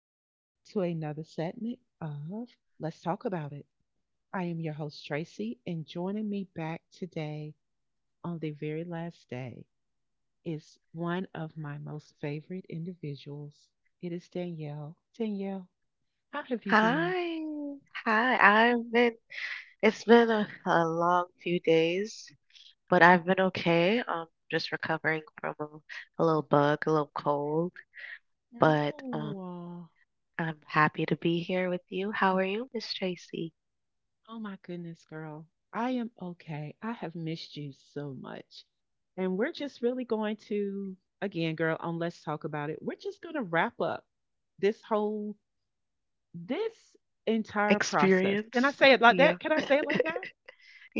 Welcome back to another segment of Let's Talk About It. I am your host, Tracy, and joining me back today on the very last day is one of my most favorite individuals. It is Danielle. Danielle, how have you been? Hi. Hi. I've been it's been a long few days, but I've been okay. Just recovering from a little bug, a little cold, but No. I'm happy to be here with you. How are you, Miss Tracy? Oh my goodness, girl. I am okay. I have missed you so much. And we're just really going to, again, girl, on Let's Talk About It, we're just going to wrap up this whole, this entire process. Can I Experience? say it like Yeah. that? Can I say it like that?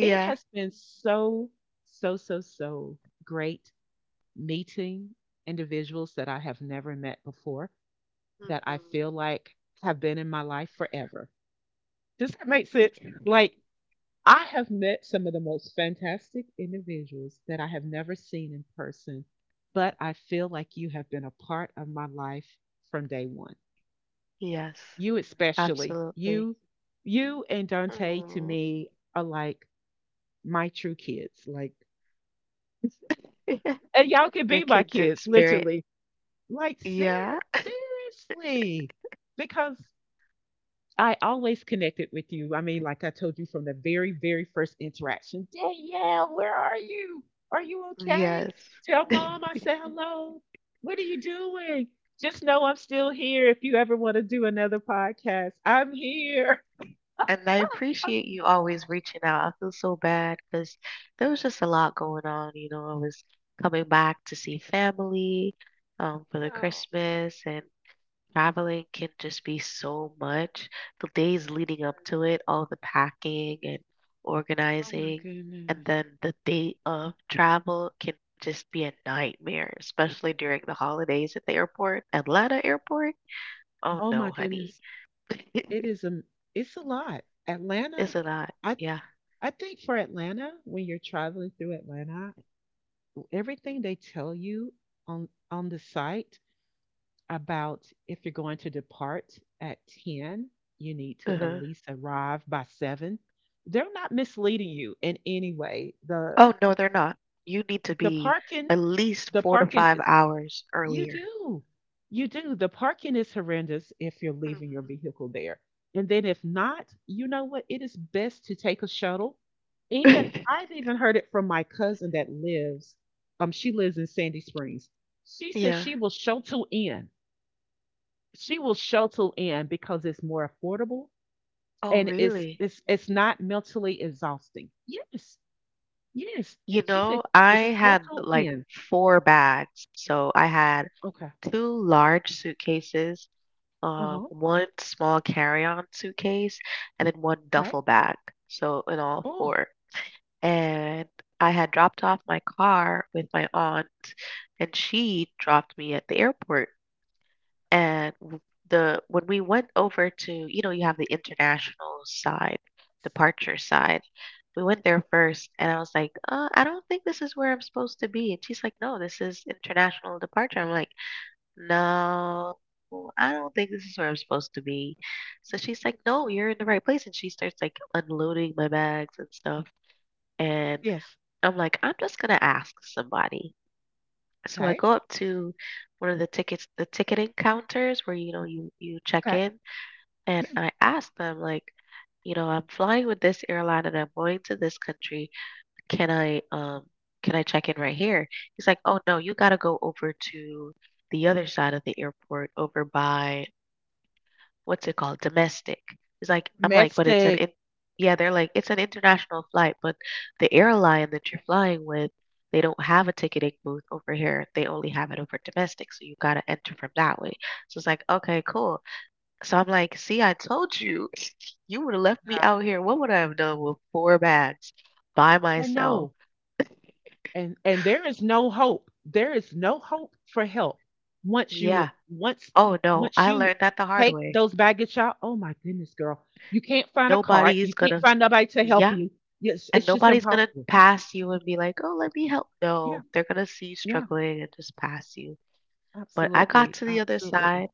It has been so, so, so, so great meeting individuals that I have never met before that I Hmm. feel like have been in my life forever. Does that make sense? Like, I have met some of the most fantastic individuals that I have never seen in person, but I feel like you have been a part of my life from day one. Yes, You especially, absolutely. you and Dante to Aw. me are like my true kids. Like, and y'all can Your be my kids in kids, spirit. literally. Like, Yeah. seriously, because I always connected with you. I mean, like I told you from the very, very first interaction, Danielle, where are you? Are you okay? Yes. Tell mom I said hello. What are you doing? Just know I'm still here if you ever want to do another podcast. I'm here. And I appreciate Oh, you always reaching out. I feel so bad because there was just a lot going on. I was coming back to see family for the yeah. Christmas, and traveling can just be so much. The days leading up to it, all the packing and Oh my organizing, goodness. and then the day of travel can just be a nightmare, especially during the holidays at the airport, Atlanta airport. Oh Oh my no, honey. goodness. It is a it's a lot. Atlanta, It's a lot. I Yeah. I think for Atlanta, when you're traveling through Atlanta, everything they tell you on the site about if you're going to depart at 10, you need to at Uh-huh. least arrive by 7. They're not misleading you in any way. Oh, no, they're not. You need to the be at parking least the 4 to parking 5 is hours you earlier. do. You do. The parking is horrendous if you're leaving your Mhm. vehicle there. And then if not, you know what? It is best to take a shuttle. Even I've even heard it from my cousin that lives she lives in Sandy Springs. She says Yeah. She will shuttle in because it's more affordable Oh, and it's really? it's it's not mentally exhausting. Yes, yes. You She said know, she will I had shuttle like in. four bags. So I had Okay. two large suitcases, Uh huh. one small carry-on suitcase, and then one Okay. duffel bag. So in all Oh, four. And I had dropped off my car with my aunt, and she dropped me at the airport. And w- the when we went over to, you know, you have the international side, departure side. We went there first, and I was like, I don't think this is where I'm supposed to be. And she's like, "No, this is international departure." I'm like, "No, I don't think this is where I'm supposed to be." So she's like, "No, you're in the right place." And she starts like unloading my bags and stuff. And yes. I'm like, I'm just gonna ask somebody. So I Okay. go up to one of the ticketing counters where, you know, you check Okay. in, and Yeah. I ask them like, you know, I'm flying with this airline and I'm going to this country. Can I um can I check in right here? He's like, "Oh no, you got to go over to the other side of the airport over by what's it called? Domestic." It's like I'm like, "But it's an Matchstick. in" yeah, they're like, "It's an international flight, but the airline that you're flying with, they don't have a ticketing booth over here. They only have it over domestic, so you gotta enter from that way." So it's like, okay, cool. So I'm like, see, I told you, you would have left me Yeah. out here. What would I have done with four bags by I myself? know. And there is no hope for help once you Yeah. once Oh no, once I you learned that the hard take way. those baggage out. Oh my goodness, girl, you can't find a cart, Nobody you is can't gonna, find nobody to help yeah. you. Yes, And it's just nobody's gonna impossible. pass you and be like, "Oh, let me help." Yeah, No, they're gonna see you yeah, struggling and just pass you. But I got absolutely, to the other absolutely side.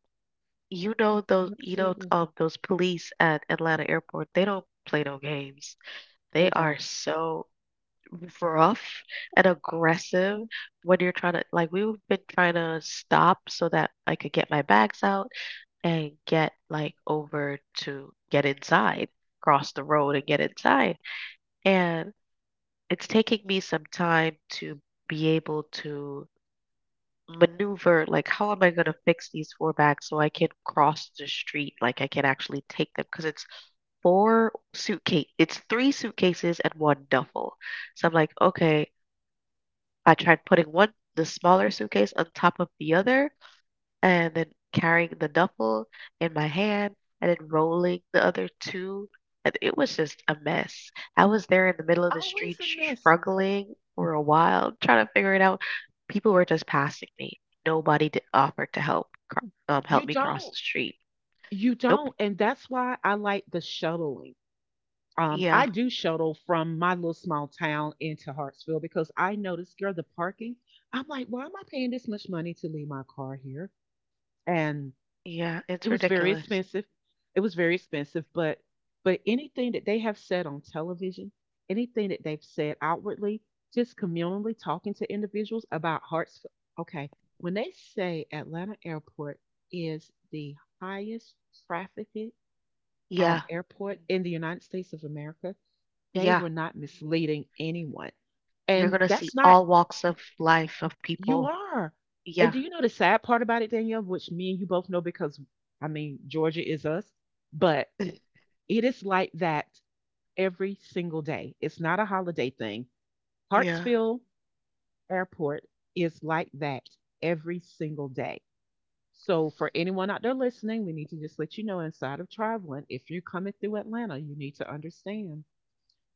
You know, absolutely those police at Atlanta Airport. They don't play no games. They They are don't. so rough and aggressive Mhm. when you're trying to like we've been trying to stop so that I could get my bags out and get like over to get inside, cross the road and get inside. And it's taking me some time to be able to maneuver like how am I going to fix these four bags so I can cross the street like I can actually take them because it's three suitcases and one duffel. So I'm like, okay, I tried putting one the smaller suitcase on top of the other and then carrying the duffel in my hand and then rolling the other two. And it was just a mess. I was there in the middle of the street Always a mess. struggling for a while, trying to figure it out. People were just passing me. Nobody did offered to help help you me cross don't the street. you Nope. don't and that's why I like the shuttling. I Yeah, do shuttle from my little small town into Hartsville because I noticed, girl, the parking. I'm like, why am I paying this much money to leave my car here? And yeah, it it's was very ridiculous. expensive. It was very expensive, but anything that they have said on television, anything that they've said outwardly, just communally talking to individuals about Hartsville. Okay, when they say Atlanta Airport is the highest trafficked Yeah, airport in the United States of America, they yeah. were not misleading anyone. You're And gonna see that's not, all walks of life of you people. are. And do Yeah, you know the sad part about it, Danielle, which me and you both know because, I mean, Georgia is us, but it is like that every single day. It's not a holiday thing. yeah. Hartsfield Airport is like that every single day. So, for anyone out there listening, we need to just let you know inside of traveling, if you're coming through Atlanta, you need to understand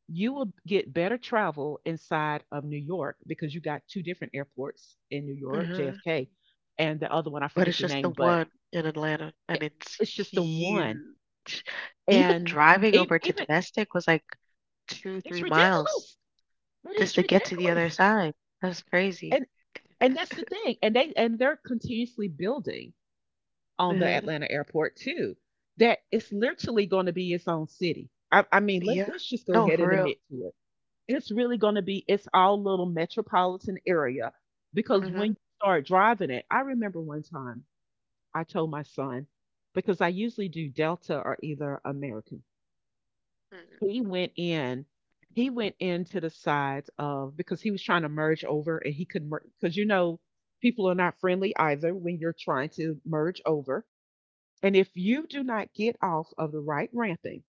you will get better travel inside of New York because you got two different airports in New York, Mhm. JFK, and the other one I But forget it's the just the name, but one in Atlanta, and it, it's it's just the one. huge. Even And driving over to even domestic was like 2, it's 3 miles ridiculous. It just is to get to the other ridiculous. side. That's crazy. And and that's the thing. And they're continuously building on the Mhm. Atlanta airport too. That it's literally going to be its own city. I mean, let's Yeah. let's just go No, ahead for and real. admit to it. It's really going to be its all little metropolitan area because when Mhm. you start driving it, I remember one time I told my son because I usually do Delta or either American. Mm. He went in, he went into the sides of because he was trying to merge over and he could not because you know people are not friendly either when you're trying to merge over. And if you do not get off of the right ramping,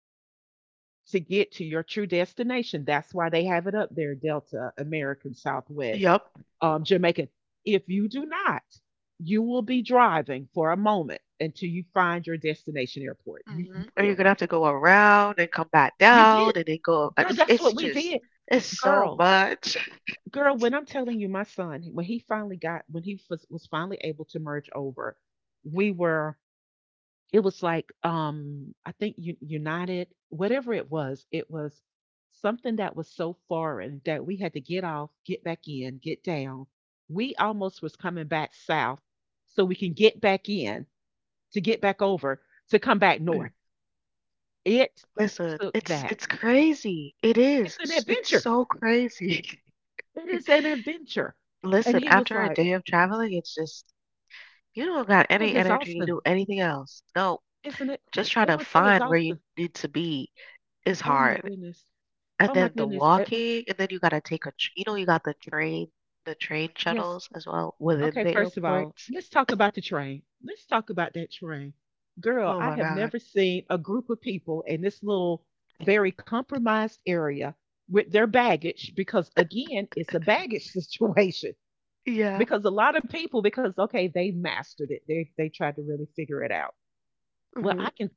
to get to your true destination. That's why they have it up there Delta, American, Southwest, Yup. Jamaican. If you do not, you will be driving for a moment until you find your destination airport. You Mhm. Or you're will. gonna have to go around and come back You down did. and then go up. Girl, that's It's what we just, did. it's so Girl, much. girl, when I'm telling you, my son, when he was finally able to merge over, we were. It was like, I think United, whatever it was something that was so foreign that we had to get off, get back in, get down. We almost was coming back south so we can get back in to get back over to come back Mm. north. It Listen, took it's that. crazy. It It's is. an It's adventure. so crazy. It is an adventure. And Listen, he was after a like, day of traveling, it's just you don't got it was any energy to exhausting, do anything else. No, isn't it? just trying It to was so find where you exhausting. need to be is Oh my hard. goodness. And Oh my then the goodness. Walking, and then you gotta take a, you know, you got the train Yes. shuttles as well Okay, within the first of all, airports. let's talk about the train. Let's talk about that train. Girl, Oh I my have God. never seen a group of people in this little very compromised area with their baggage because, again, it's a baggage situation. Yeah. Because a lot of people, because okay, they mastered it. They tried to really figure it out. Well, Hmm. I can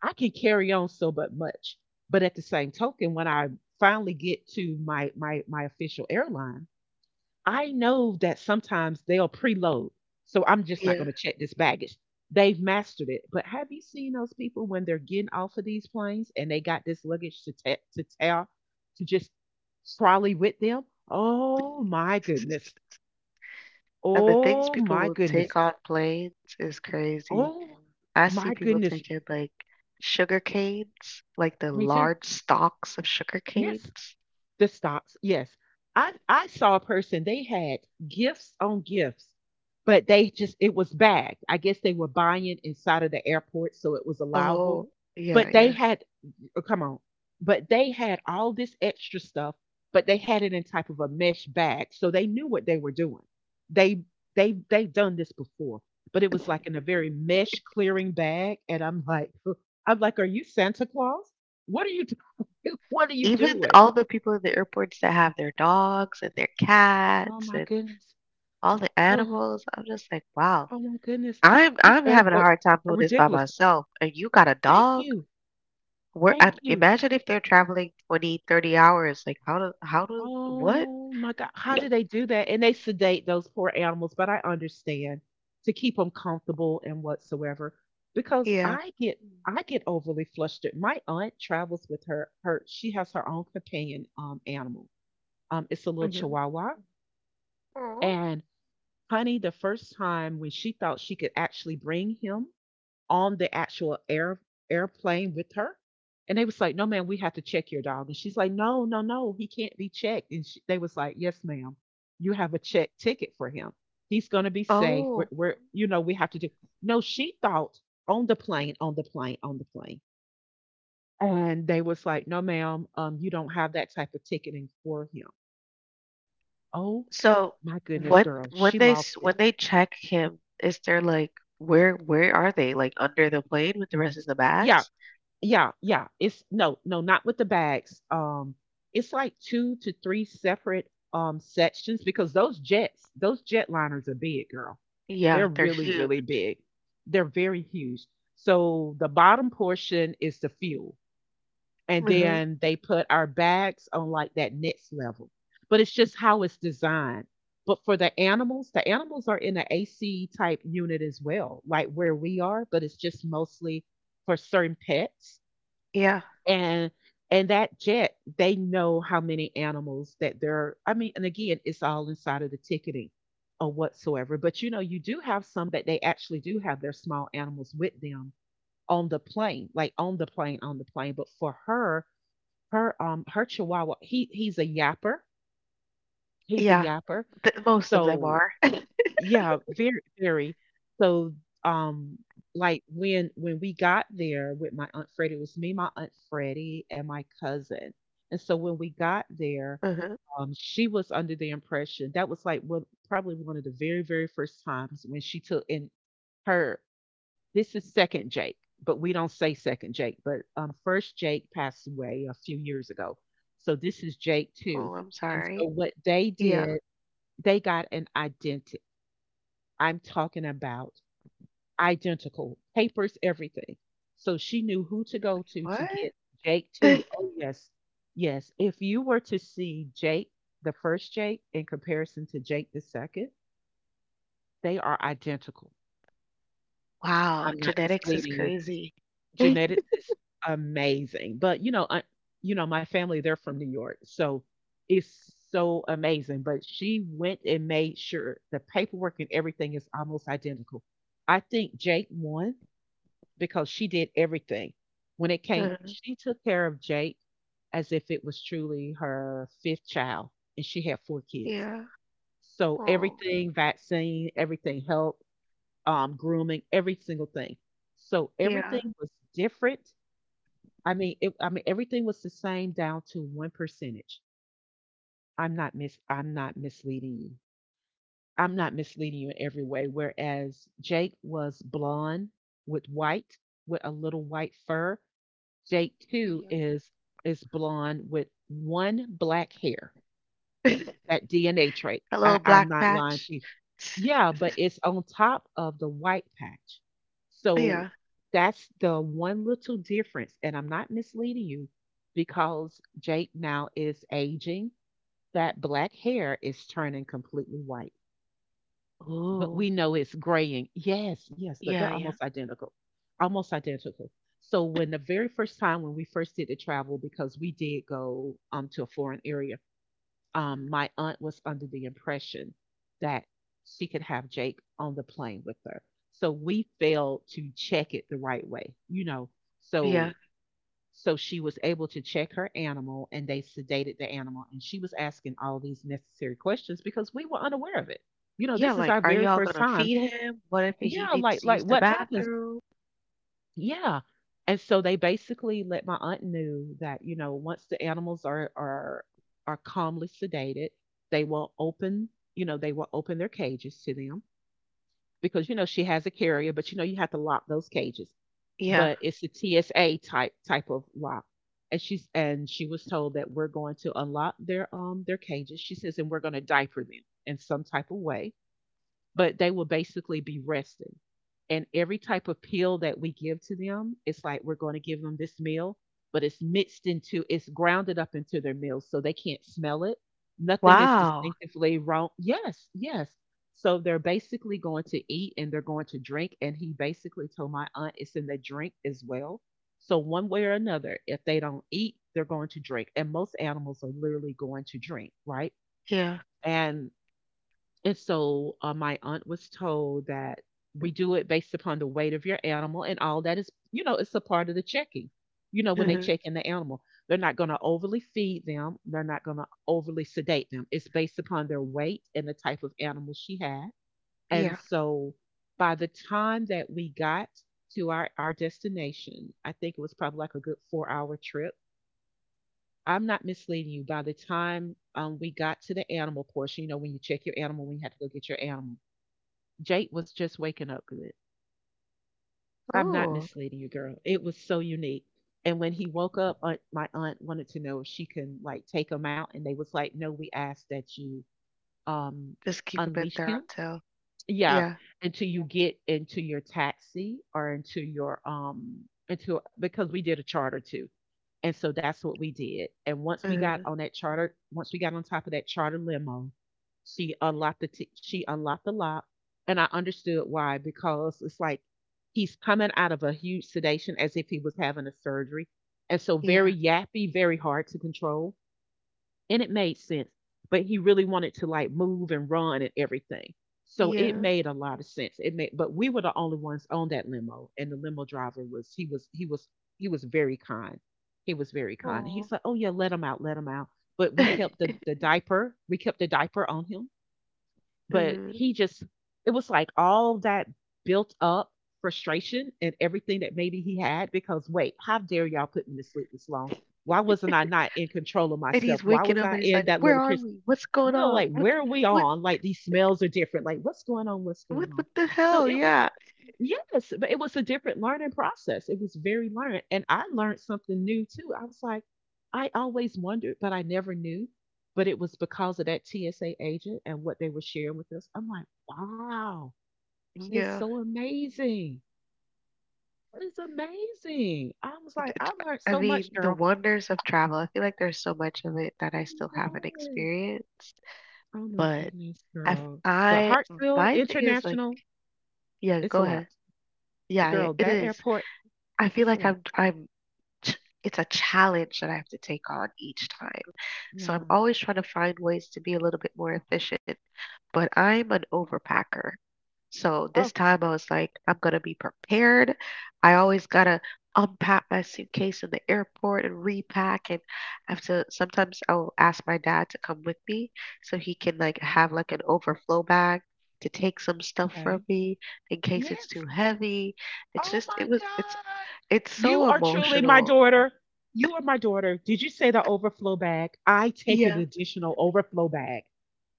I can carry on so but much. But at the same token, when I finally get to my my official airline, I know that sometimes they'll preload. So I'm just not Yeah. going to check this baggage. They've mastered it. But have you seen those people when they're getting off of these planes and they got this luggage to to tell to just trolley with them? Oh my goodness. And the things Oh people my will take goodness. on planes is crazy. Oh I see my people goodness. taking like sugar canes, like the Me too. large stalks of sugar Yes. canes. The stocks, yes. I saw a person they had gifts on gifts, but they just it was bagged. I guess they were buying inside of the airport, so it was allowable. Oh, But they yeah, had oh, come on, but they had all this extra stuff, but they had it in type of a mesh bag, so they knew what they were doing. They they've done this before, but it yeah. was like in a very mesh clearing bag, and I'm like, I'm like, are you Santa Claus? What are you doing? What are you Even doing? all the people in the airports that have their dogs and their Oh cats my and goodness. all the Oh, animals, I'm just like, "Wow, oh my goodness. I'm These I'm having a airports hard time are doing this by ridiculous. myself, and you got a Thank dog?" you. Where Thank I'm you. imagine if they're traveling 20, 30 hours, like, how do what? Oh my God. How do they do that? And they sedate those poor animals, but I understand to keep them comfortable and whatsoever. Because Yeah. I get overly flustered. My aunt travels with her she has her own companion animal. Um, it's a little Mhm. chihuahua. Oh. And honey, the first time when she thought she could actually bring him on the actual airplane with her? And they was like, no, ma'am, we have to check your dog. And she's like, no, no, no, he can't be checked. And they was like, yes, ma'am, you have a check ticket for him. He's going to be safe. We're, Oh, we're, you know, we have to do. No, she thought on the plane, on the plane, on the plane. And they was like, no, ma'am, you don't have that type of ticketing for him. Oh so my goodness, girl, when she they s lost it. when they check him, is there like where are they? Like under the plane with the rest of the Yeah. bags? Yeah, yeah. It's no, no, not with the bags. It's like two to three separate sections because those jets, those jetliners are big, girl. They're Yeah, they're really, really huge. big. They're very huge. So the bottom portion is the fuel, and Mhm. then they put our bags on like that next level. But it's just how it's designed. But for the animals are in an AC type unit as well, like where we are, but it's just mostly for certain pets Yeah. and and that jet, they know how many animals that they are. I mean, and again, it's all inside of the ticketing or whatsoever. But you know, you do have some that they actually do have their small animals with them on the plane, like on the plane, on the plane. But for her, her her chihuahua, he's a yapper. He's a Yeah, yapper. m most of them So are. yeah, very, very. So, um, like when we got there with my aunt Freddie, it was me, my aunt Freddie, and my cousin. And so when we Mhm. got there, she was under the impression that was like one probably one of the very, very first times when she took in her. This is second Jake, but we don't say second Jake. But first Jake passed away a few years ago, so this Oh, is I'm Jake sorry. too. And so Yeah. what they did, they got an identity, I'm talking about, identical papers, everything. So she knew who to What? go to get Jake too. Oh yes, yes. If you were to see Jake, the first Jake, in comparison to Jake the second, they are identical. Wow, I'm genetics not is misleading you. crazy. Genetics is amazing, but you know, my family they're from New York, so it's so amazing. But she went and made sure the paperwork and everything is almost identical. I think Jake won because she did everything. When it came, Uh, she took care of Jake as if it was truly her fifth child, and she had four kids. yeah. So Oh, everything, vaccine, everything, help, grooming, every single thing. So yeah. everything was different. I mean, everything was the same down to one percentage. I'm not misleading you. I'm not misleading you in every way. Whereas Jake was blonde with white, with a little white fur. Jake too Mhm. is blonde with one black hair, that DNA trait. A little I'm black not lying patch. to you. Yeah, but it's on top of the white patch. So Yeah. that's the one little difference. And I'm not misleading you because Jake now is aging. That black hair is turning completely white. But Ooh. we know it's graying. Yes, yes, but Yeah, they're yeah. almost identical. Almost identical. So when the very first time when we first did the travel, because we did go to a foreign area, Mm. my aunt was under the impression that she could have Jake on the plane with her. So we failed to check it the right way, you know. Yeah. So so she was able to check her animal and they sedated the animal and she was asking all these necessary questions because we were unaware of it. You know, Yeah, this is our like, are very y'all first gonna time, feed him? What if he yeah, like needs to like use the what happens? bathroom? Yeah. And so they basically let my aunt knew that, you know, once the animals are calmly sedated, they will open, you know, they will open their cages to them because you know she has a carrier, but you know you have to lock those cages. Yeah. But it's a TSA type of lock. And she's and she was told that we're going to unlock their cages. She says, and we're going to diaper them in some type of way but they will basically be resting. And every type of pill that we give to them, it's like we're going to give them this meal, but it's mixed into, it's grounded up into their meals so they can't smell it. Nothing is Wow. distinctively wrong. Yes, yes. So they're basically going to eat and they're going to drink. And he basically told my aunt it's in the drink as well. So, one way or another, if they don't eat, they're going to drink. And most animals are literally going to drink, right? Yeah. And and so, my aunt was told that we do it based upon the weight of your animal and all that is, you know, it's a part of the checking. You know, when they Mhm. check in the animal, they're not going to overly feed them, they're not going to overly sedate them. It's based upon their weight and the type of animal she had. And Yeah. so, by the time that we got to our destination, I think it was probably like a good 4-hour trip. I'm not misleading you. By the time we got to the animal portion, you know, when you check your animal, when you have to go get your animal, Jake was just waking up good. I'm not Oh, misleading you, girl. It was so unique. And when he woke up, aunt, my aunt wanted to know if she can like take him out, and they was like, "No, we asked that you um just keep him in unleash there him, until yeah, yeah. until you get into your taxi or into your into because we did a charter too." And so that's what we did. And once we got Mhm. on that charter, once we got on top of that charter limo, she unlocked the lock, and I understood why because it's like he's coming out of a huge sedation as if he was having a surgery, and so very Yeah. yappy, very hard to control, and it made sense. But he really wanted to like move and run and everything. So it Yeah. made a lot of sense. It made, but we were the only ones on that limo, and the limo driver was he was he was he was very kind. He was very kind. He's Oh, like, oh yeah, let him out, let him out. But we kept the the diaper. We kept the diaper on him, but mhm. he just, it was like all that built up frustration and everything that maybe he had because, wait, how dare y'all put me to sleep this long? Why wasn't I not in control of And myself? he's Why waking was up I and he's in like, that little "Where are kiss? we? What's You going know, on? like where are we what on? Like these smells are different. Like what's going on? What's going on? what the So hell?" it was, Yeah. yes, but it was a different learning process. It was very learned. And I learned something new too. I was like, I always wondered, but I never knew. But it was because of that TSA agent and what they were sharing with us. I'm like, wow, that is Yeah. so amazing. That is amazing. I was It- like, I it- learned I so much, mean, the girl. wonders of travel. I feel like there's so much of it that I I didn't still know haven't it. experienced. Oh my But goodness, I've girl. But I Hartsville my thing is like, International, yeah, it's a go lot. ahead. Yeah, yeah, Girl, it that is. airport, I feel it's a like lot. Ch- it's a challenge that I have to take on each time. So I'm Yeah. always trying to find ways to be a little bit more efficient, but I'm an overpacker. So this Oh, time I was like, I'm going to be prepared. I always got to unpack my suitcase in the airport and repack and I have to sometimes I'll ask my dad to come with me so he can like okay. have like an overflow bag to take some stuff from Okay. me in case it's Yes. too heavy. It's Oh just my God. it's You so are truly my emotional. daughter. You are my daughter. Did you say the overflow bag? I take an Yeah. additional overflow bag.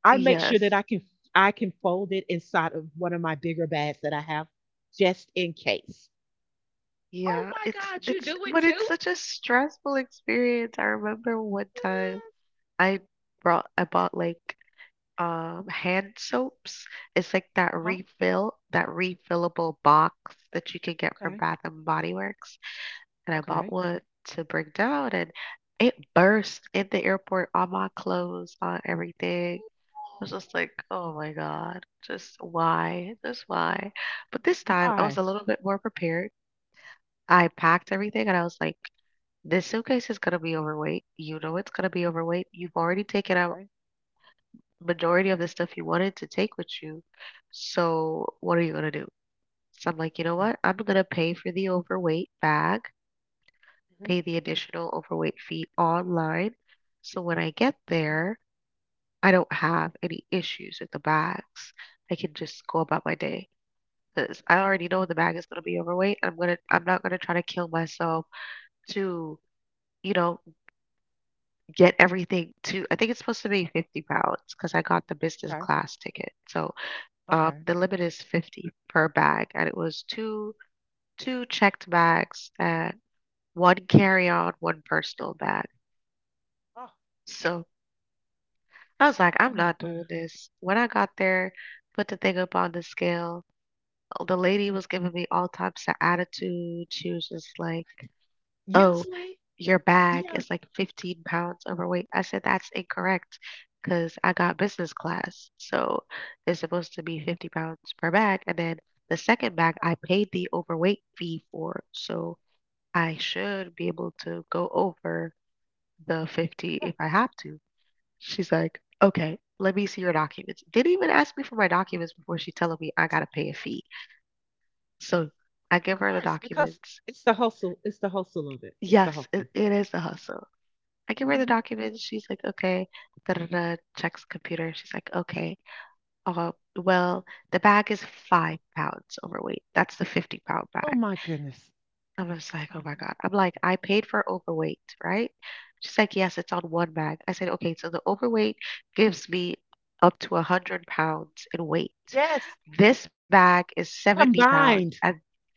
I make sure that Yes. I can fold it inside of one of my bigger bags that I have just in case. Oh Yeah. my God, you It's do it but it's too? such a stressful experience. I remember one time Mm. I I bought like hand soaps. It's like that Uh-huh. Refillable box that you can get from Okay. Bath and Body Works. And I Okay. bought one to bring down and it burst in the airport on my clothes, on everything. I was just like, oh my God, just why? Just why? But this time I was Why? a little bit more prepared. I packed everything and I was like, this suitcase is gonna be overweight. You know it's gonna be overweight. You've already taken out Right? majority of the stuff you wanted to take with you. So what are you gonna do? So I'm like, you know Yeah. what? I'm gonna pay for the overweight bag, Hmm. pay the additional overweight fee online. So when I get there, I don't have any issues with the bags. I can just go about my day. Because I already know the bag is gonna be overweight. I'm not gonna try to kill myself to you know, get everything to I think it's supposed to be 50 pounds because I got the business Okay. class ticket. So Okay. the limit is 50 per bag, and it was two checked bags and one carry on, one personal bag. Oh, So I was like, oh I'm my not doing God. this. When I got there, put the thing up on the scale. The lady was giving me all types of attitude. She was just like, "Oh, Usually, your bag yeah. is like 15 pounds overweight." I said, "That's incorrect because I got business class. So it's supposed to be 50 pounds per bag. And then the second bag, I paid the overweight fee for. So I should be able to go over the 50 if I have to." She's like, "Okay, let me see your documents." Didn't even ask me for my documents before she telling me I got to pay a fee. So I Of give her the course, because documents. it's the hustle. It's the hustle of it. It's the Yes, hustle. it is a hustle. I give her the Mhm. documents. She's like, okay. Da, da, da, checks computer. She's like, okay. Uh, well, the bag is 5 pounds overweight. That's the 50 pound Oh bag. my goodness. I'm just like, Oh oh my my God. goodness. I'm like, I paid for overweight, right? She's like, yes, it's on one bag. I said, okay, so the overweight gives me up to 100 pounds in weight. Yes, This bag is 70 pounds, combined. and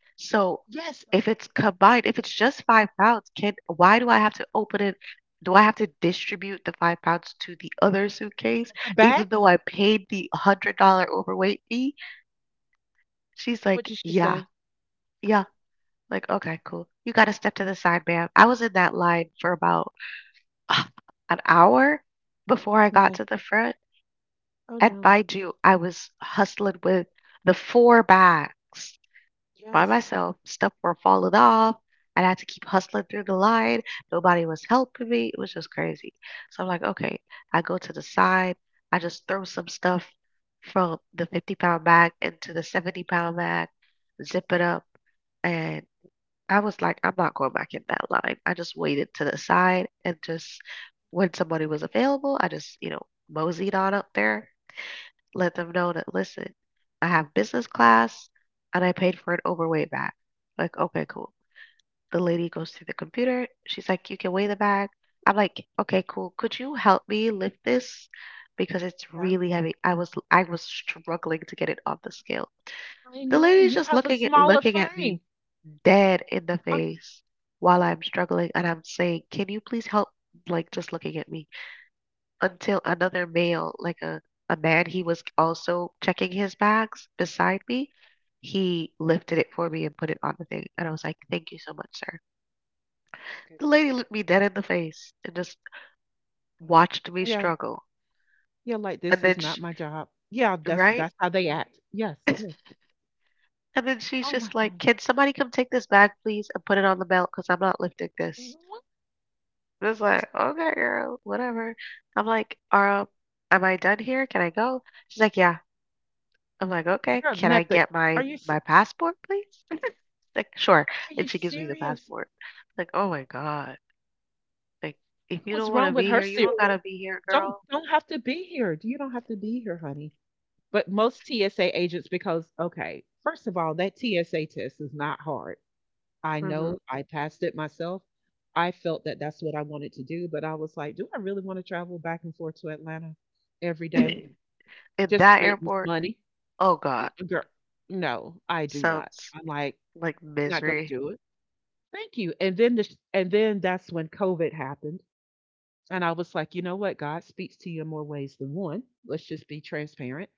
so, Yes, if it's combined, if it's just 5 pounds, can why do I have to open it? Do I have to distribute the 5 pounds to the other suitcase on her even back. though I paid the $100 overweight fee? She's What like, did she "Yeah. say? Yeah." Oh, Like, "Okay, cool. You got to step to the side, ma'am." I was in that line for about uh, an hour before I got no. to the front. Oh And no. mind you, I was hustling with the four bags by Yes. myself. Stuff were falling off. I had to keep hustling through the line. Nobody was helping me. It was just crazy. So I'm like, okay, I go to the side. I just throw some stuff from the 50 pound bag into the 70 pound bag, zip it up. And I was like, I'm not going back in that line. I just waited to the side and just when somebody was available, I just, you know, moseyed on up there, let them know that, listen, I have business class and I paid for an overweight bag. Like, okay, cool. The lady goes to the computer. She's like, you can weigh the bag. I'm like, okay, cool. Could you help me lift this? Because it's Yeah. really heavy. I was struggling to get it on the scale. I The know lady's you just have a smaller looking at frame. me dead in the Oh, oh face while I'm struggling and I'm saying, can you please help? Like, just looking at me my until another male, like a man, he was also checking his bags beside me. He lifted it for me and put it on the thing. And I was like, thank you so much, sir. The goodness. lady looked me dead in the face and just watched me Yeah. struggle. Yeah. Like And this is then, not she, my job. Yeah. That's right? that's how they act. Yes. and Yes. then she's Oh my just like, God. can somebody come take this bag, please, and put it on the belt? Because I'm not lifting this. What? And I was like, okay, girl, whatever. I'm like, am I done here? Can I go? She's like, yeah. I'm like, "Okay, Girl, can I nothing. get Are my you se- passport, please?" Like, "Sure." are And you she gives me the serious? passport. Like, "Oh my God. Like, if What you was don't want wrong to with be her here, you don't cereal? gotta be here, Don't girl." don't have to be here. You don't have to be here, honey. But most TSA agents because, okay, first of all, that TSA test is not hard. I Hmm. know I passed it myself. I felt that that's what I wanted to do, but I was like, do I really want to travel back and forth to Atlanta every day In just to that make this airport, money? oh God, Girl, no, I do not. sounds I'm like, like not going to misery. do it. Thank you. And then that's when COVID happened. And I was like, you know what? God speaks to you in more ways than one. Let's just be transparent.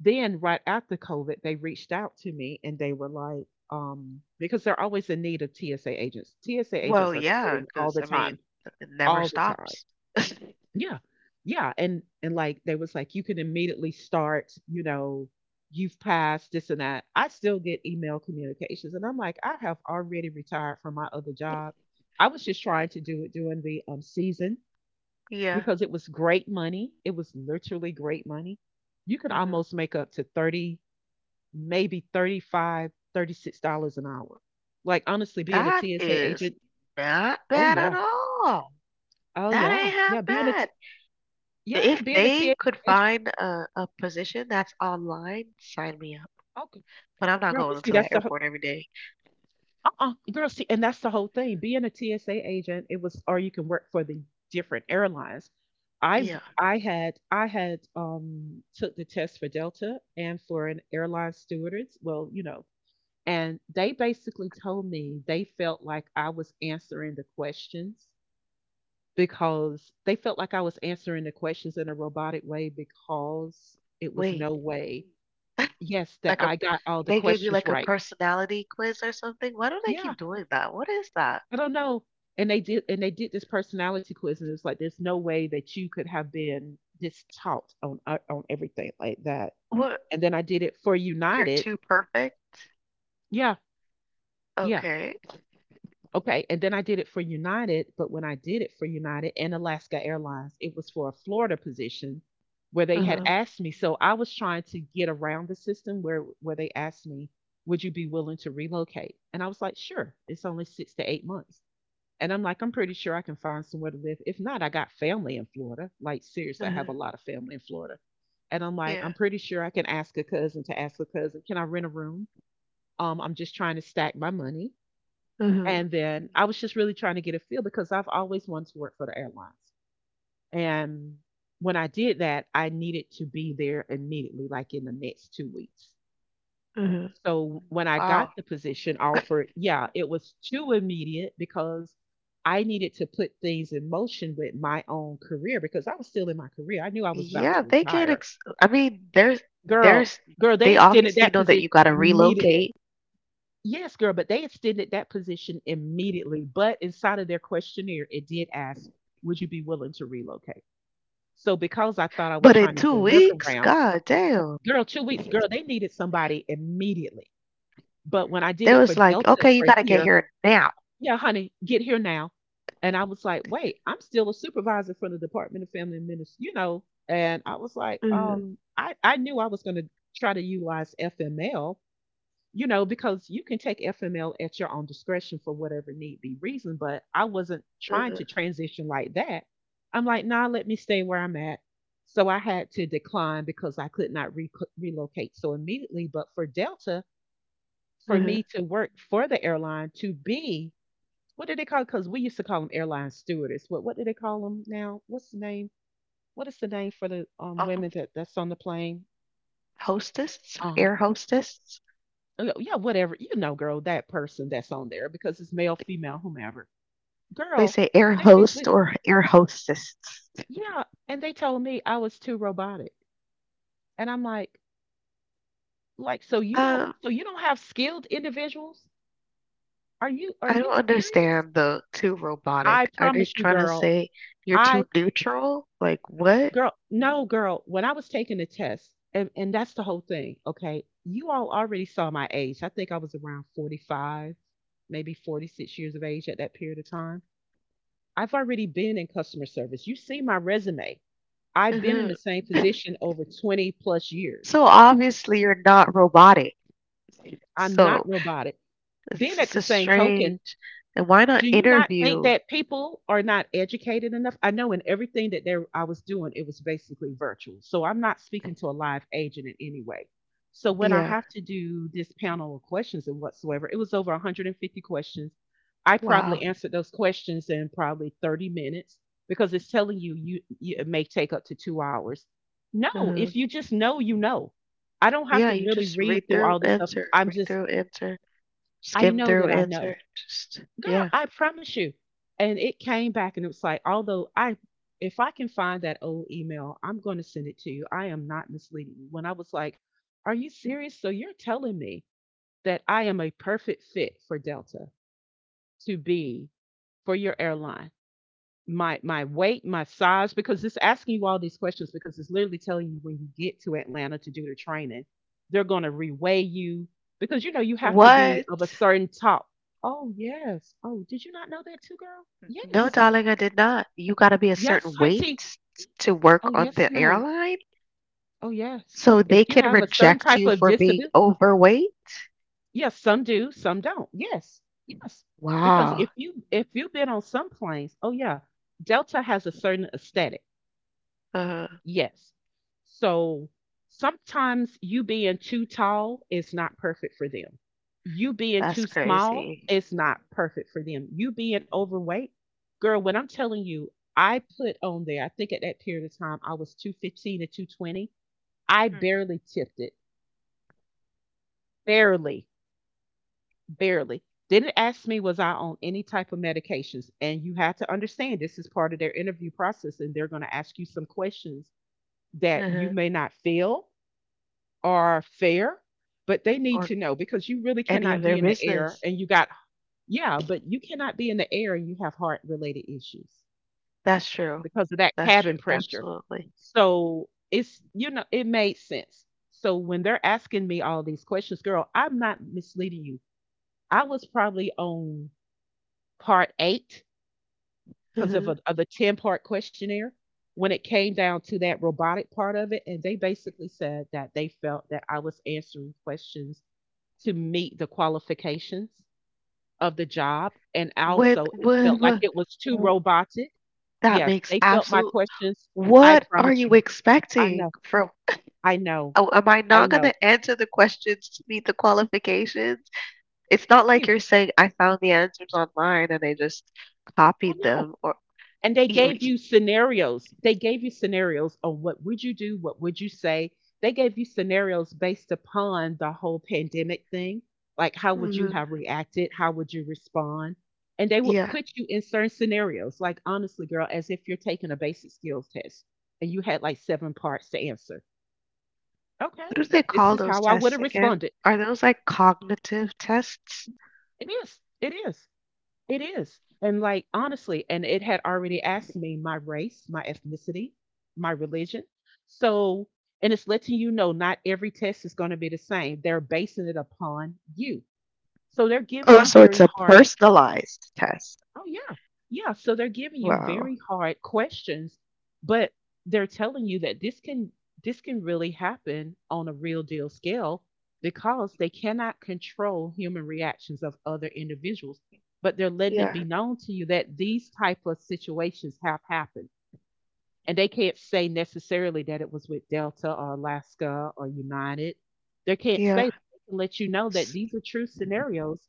Then, right after COVID, they reached out to me and they were like, because they're always in need of TSA agents. TSA agents Well, are yeah, quitting all because the I time, mean, it never all the time. stops. Yeah. Yeah. And like, they was like, you can immediately start, you know, you've passed this and that. I still get email communications. And I'm like, I have already retired from my other job. I was just trying to do it during the, season Yeah. because it was great money. It was literally great money. You could Mhm. almost make up to 30, maybe 35, $36 an hour. Like honestly, being a That TSA is agent, not oh bad at yeah. all. Oh That yeah. ain't half Yeah, being a bad. T, yeah, If being a they could TSA agent. find a position that's online, sign me up. Okay. But I'm not Girl, but going see into that's that the whole- airport every day. uh-uh. Girl, see, and that's the whole thing. Being a TSA agent, it was, or you can work for the different airlines. I Yeah. I had took the test for Delta and for an airline stewardess. Well, you know, and they basically told me they felt like I was answering the questions because they felt like I was answering the questions in a robotic way because it was Wait. no way, yes, that Like a I got all the They gave you questions like a right. personality quiz or something? Why do they keep Yeah, doing that? What is that? I don't know. And they did this personality quiz and it was like there's no way that you could have been this taught on, on everything like that. What? And then I did it for You're United. too perfect? Yeah. Yeah. Okay. Okay, and then I did it for United, but when I did it for United and Alaska Airlines, it was for a Florida position where they had Uh-huh. asked me. So I was trying to get around the system where they asked me, "Would you be willing to relocate?" And I was like, "Sure. It's only 6 to 8 months." And I'm like, "I'm pretty sure I can find somewhere to live. If not, I got family in Florida. Like seriously, I have Uh-huh. a lot of family in Florida." And I'm like, "I'm Yeah. pretty sure I can ask a cousin to ask a cousin, Can I rent a room?" I'm just trying to stack my money, and Uh-huh. then I was just really trying to get a feel because I've always wanted to work for the airlines. And when I did that, I needed to be there immediately, like in the next 2 weeks. Uh-huh. So when I got the Wow. position offer, yeah, it was too immediate because I needed to put things in motion with my own career because I was still in my career. I knew I was about Yeah, to they can't retire. I mean, there's Girl, there's girl, they they extended obviously that know that position you gotta immediately. relocate, Yes, girl, but they extended that position immediately. But inside of their questionnaire, it did ask, would you be willing to relocate? So because I thought I was but in trying to two do a weeks, workaround, god damn. girl, 2 weeks, girl, they needed somebody immediately. But when I did They it for was like, Delta "Okay, you for gotta get here, here now." yeah, honey, get here now. And I was like, wait, I'm still a supervisor for the Department of Family and Ministry, you know. And I was like, Mhm. I knew I was gonna try to utilize FML, you know, because you can take FML at your own discretion for whatever need be reason, but I wasn't trying to Mhm. transition like that. I'm like, nah, let me stay where I'm at. So I had to decline because I could not relocate so immediately. But for Delta, for me Mhm. to work for the airline to be, what did they call? Because we used to call them airline stewardess. What do they call them now? What's the name? What is the name for the women Um, that, that's on the plane? hostess, Um, air hostess. Yeah, whatever. You know, girl, that person that's on there because it's male, female, whomever. They Girl, say air they host basically, or air hostess. yeah. And they told me I was too robotic. And I'm like, Uh, so you don't have skilled individuals? Are I you don't serious? understand the too I robotic. Are they promise you, trying to girl. say you're I, too neutral? Like, what? girl, no, girl, when I was taking the test, and that's the whole thing, okay? You all already saw my age. I think I was around 45, maybe 46 years of age at that period of time. I've already been in customer service. You see my resume. I've been in Mhm. the same position over 20 plus So years. obviously you're not robotic. I'm not So robotic. Then, at it's the a same token, strange. And why not do you not think interview? that people are not educated enough? I know in everything that there I was doing, it was basically virtual. So I'm not speaking to a live agent in any way. So when I Yeah. have to do this panel of questions and whatsoever, it was over 150 questions. I Wow. probably answered those questions in probably 30 minutes because it's telling you, you it may take up to 2 hours. No, if Mhm. you just know, you know. I don't have Yeah, to you really just read through all the stuff. I'm read just, through, answer, I skim know through, that I answer. know, Just, girl, yeah. I promise you. And it came back and it was like, although I, if I can find that old email, I'm going to send it to you. I am not misleading you. When I was like, are you serious? So you're telling me that I am a perfect fit for Delta to be for your airline, my weight, my size, because it's asking you all these questions because it's literally telling you when you get to Atlanta to do the training, they're going to reweigh you because you know you have to be What? of a certain top. Oh yes. Oh, did you not know that too, girl? No, Yes. darling, I did not. You got to be a Yes, certain weight auntie. to work Oh on yes, the ma'am. airline, Oh yes. so If they you can have a certain reject type you of for being disability, overweight? yes, some do, some don't. Yes, yes. Because Wow. If you've been on some planes, oh yeah, Delta has a certain aesthetic. Uh, Yes. So sometimes you being too tall is not perfect for them. You being that's too small crazy. is not perfect for them. You being overweight, girl, what I'm telling you, I put on there, I think at that period of time, I was 215 to 220. I Hmm. barely tipped it, barely, barely. Didn't ask me, was I on any type of medications? And you have to understand this is part of their interview process, and they're going to ask you some questions that you uh may not feel are fair, but they need Or to know because you really any of cannot be their in the air business. and you got, yeah, but you cannot be in the air and you have heart related issues That's true. because of that That's true. cabin pressure. Absolutely. So it's, you know, it made sense. So when they're asking me all these questions, girl, I'm not misleading you. I was probably on part eight because of, Mhm. a, of the 10-part questionnaire when it came down to that robotic part of it. And they basically said that they felt that I was answering questions to meet the qualifications of the job, and When, also it when, felt like when, it was too robotic. that Yes, makes they felt my absolute. questions, I What are promise you you. I expecting know. from? I know. Oh, am I I not gonna know. answer the questions to meet the qualifications? It's not Thank like you. you're saying, "I found the answers online and I just I copied know. them," or And they y gave you scenarios. They gave you scenarios on what would you do, what would you say. They gave you scenarios based upon the whole pandemic thing. Like, how would you mhm, have reacted? How would you respond? And they would yeah. put you in certain scenarios, like, honestly, girl, as if you're taking a basic skills test and you had like seven parts to answer. Okay, What do they this call is those how I would tests have again? responded. Are those, like, cognitive tests? It is. It is. It is. And like honestly, and it had already asked me my race, my ethnicity, my religion. So, and it's letting you know not every test is going to be the same. They're basing it upon you. So they're giving Oh, you so it's very a hard, personalized test. oh yeah. Yeah. So they're giving you very Wow. hard questions, but they're telling you that this can really happen on a real deal scale because they cannot control human reactions of other individuals. But they're letting it Yeah, be known to you that these type of situations have happened. And they can't say necessarily that it was with Delta or Alaska or United. They can't say, yeah. they can let you know that S these are true scenarios.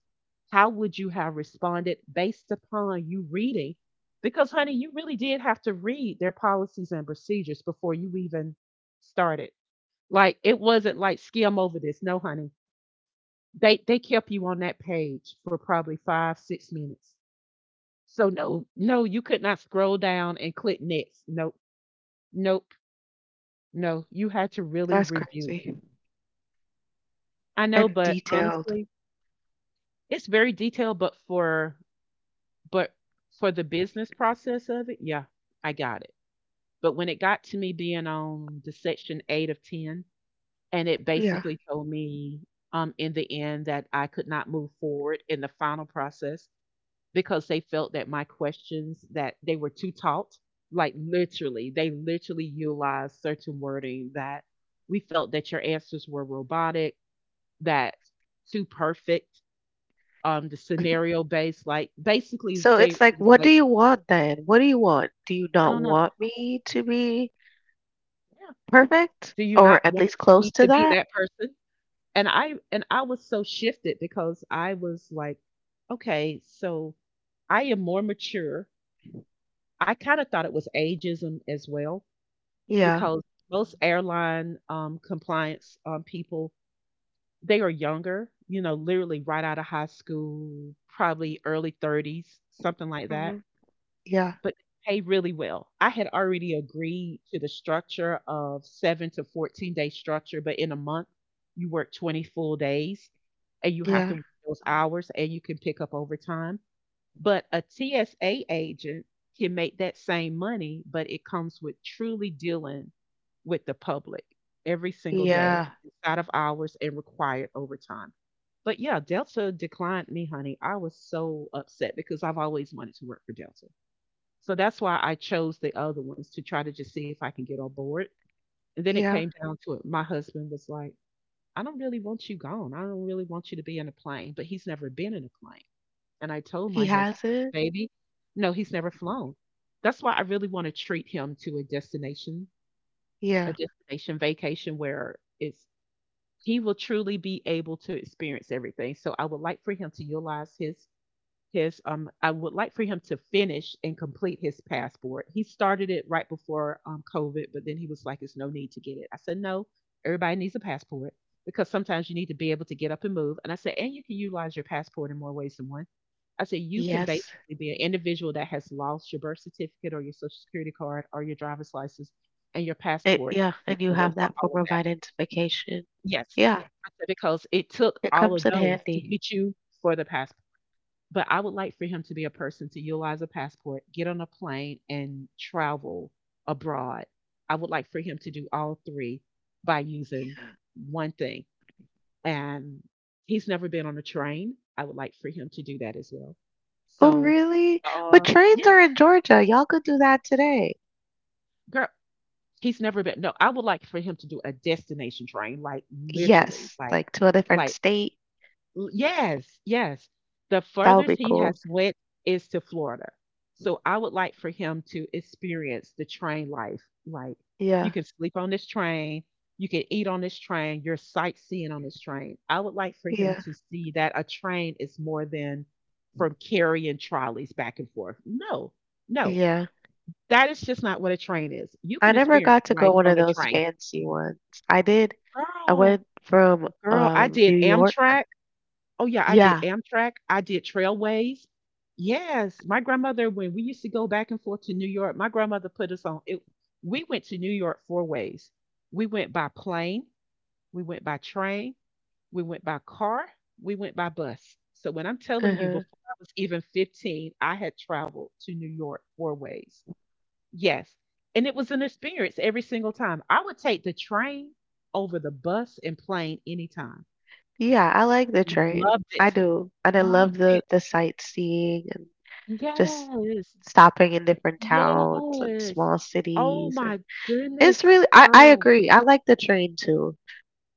How would you have responded based upon you reading? Because, honey, you really did have to read their policies and procedures before you even started. Like, it wasn't like skim over this. No, honey. They kept you on that page for probably five, 6 minutes. So no, no, you could not scroll down and click next. Nope, nope. No, you had to really that's review. crazy. I know, And but detailed. honestly, it's very detailed, but but for the business process of it, yeah, I got it. But when it got to me being on the section 8 of 10 and it Yeah. basically told me in the end that I could not move forward in the final process because they felt that my questions that they were too taut, like literally, they literally utilized certain wording that we felt that your answers were robotic, that too perfect, the scenario based, like basically So it's they it like, was what do like, you want then? What do you want? Do you I not don't know, want me to be yeah, perfect do you or not at want least close me to to be that? that person? And I was so shifted because I was like, okay, so I am more mature. I kind of thought it was ageism as well Yeah. because most airline compliance people, they are younger, you know, literally right out of high school, probably early 30s, something like that. Hmm. Yeah. But they pay really well. I had already agreed to the structure of 7 to 14 day structure, but in a month, you work 20 full days and you have Yeah. to work those hours and you can pick up overtime. But a TSA agent can make that same money, but it comes with truly dealing with the public every single day Yeah. inside of hours and required overtime. But yeah, Delta declined me, honey. I was so upset because I've always wanted to work for Delta. So that's why I chose the other ones to try to just see if I can get on board. And then it Yeah. came down to it. My husband was like, I don't really want you gone. I don't really want you to be in a plane, but he's never been in a plane. And I told He my husband, has it. baby, no, he's never flown. That's why I really want to treat him to a Yeah. destination vacation where it's he will truly be able to experience everything. So I would like for him to utilize his I would like for him to finish and complete his passport. He started it right before COVID, but then he was like, "It's no need to get it." I said, "No, everybody needs a passport because sometimes you need to be able to get up and move." And I said, "And you can utilize your passport in more ways than one." I said, "You can Yes. basically be an individual that has lost your birth certificate or your social security card or your driver's license and your It, passport yeah. can And you work have for that all of form of that." identification. Yes. Yeah. I said because it took It all of comes in those to handy. get you for the passport. But I would like for him to be a person to utilize a passport, get on a plane, and travel abroad. I would like for him to do all three by using one thing. And he's never been on a train. I would like for him to do that as well. Oh, So, really? But uh, trains yeah, are in Georgia. Y'all could do that today. girl, he's never been. No, I would like for him to do a destination train, like literally, Yes. like, Like, to a different like state. L, yes, yes. The That would furthest be he cool. has went is to Florida. So I would like for him to experience the train life. Like, you Yeah. can sleep on this train, you can eat on this train, you're sightseeing on this train. I would like for him Yeah. to see that a train is more than from carrying trolleys back and forth. No, no, Yeah. that is just not what a train is. You I can never experience got to go life one of on a those train. fancy ones. I did I Girl, went from girl, I did New York. Amtrak. Oh, yeah, I did Yeah. Amtrak, I did Trailways. Yes, my grandmother, when we used to go back and forth to New York, my grandmother put us on it. We went to New York four ways. We went by plane, we went by train, we went by car, we went by bus. So when I'm telling you, Uh. before I was even 15, I had traveled to New York four ways. Yes. And it was an experience every single time. I would take the train over the bus and plane anytime. Yeah, I like the train. Loved I it. do. And I love Loved the it. Sightseeing and just Yes, stopping in different towns and yes. small Oh cities and my it's goodness, really, I girl. agree. I like the train too.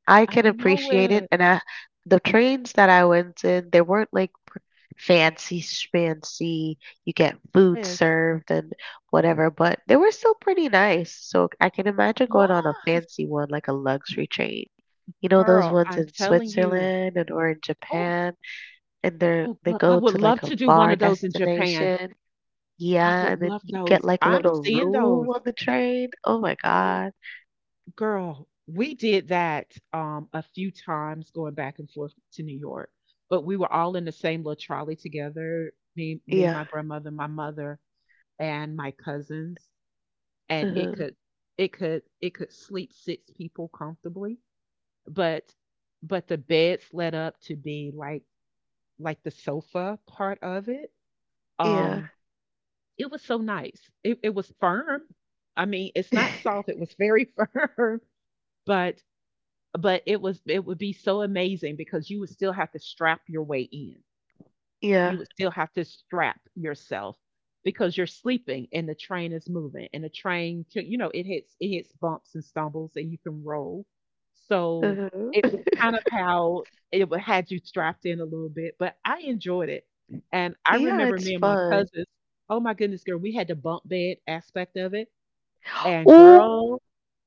I I can know appreciate it. it. And I, the trains that I went in, they weren't like fancy schmancy. You get food Yes, served and whatever, but they were still pretty nice. So I can imagine going on a was. fancy one, like a luxury train. You know those Girl, ones I'm in telling you. Switzerland, and or in Oh, Japan, and they're oh, they girl, I go would to love like a to do one far of those in Japan. destination. I Yeah, would and then love you get those. like a I'm little seeing room those. on the train. Oh my Oh, God. girl, we did that a few times going back and forth to New York. But we were all in the same little trolley together. Me, Yeah. my grandmother, my mother, and my cousins. And it Uh. could it could it could sleep 6 people comfortably, but but the beds led up to be like the sofa part of it. Yeah. um it was so nice. It was firm. I mean, it's not soft, it was very firm. But but it was, it would be so amazing because you would still have to strap your way in. You Yeah. would still have to strap yourself because you're sleeping and the train is moving, and the train can, you know, it hits bumps and stumbles and you can roll. So Mhm. it was kind of how it would had you strapped in a little bit, but I enjoyed it. And I Yeah, remember it's me and my fun. cousins, oh my goodness, girl, we had the bump bed aspect of it. And Oh, girl,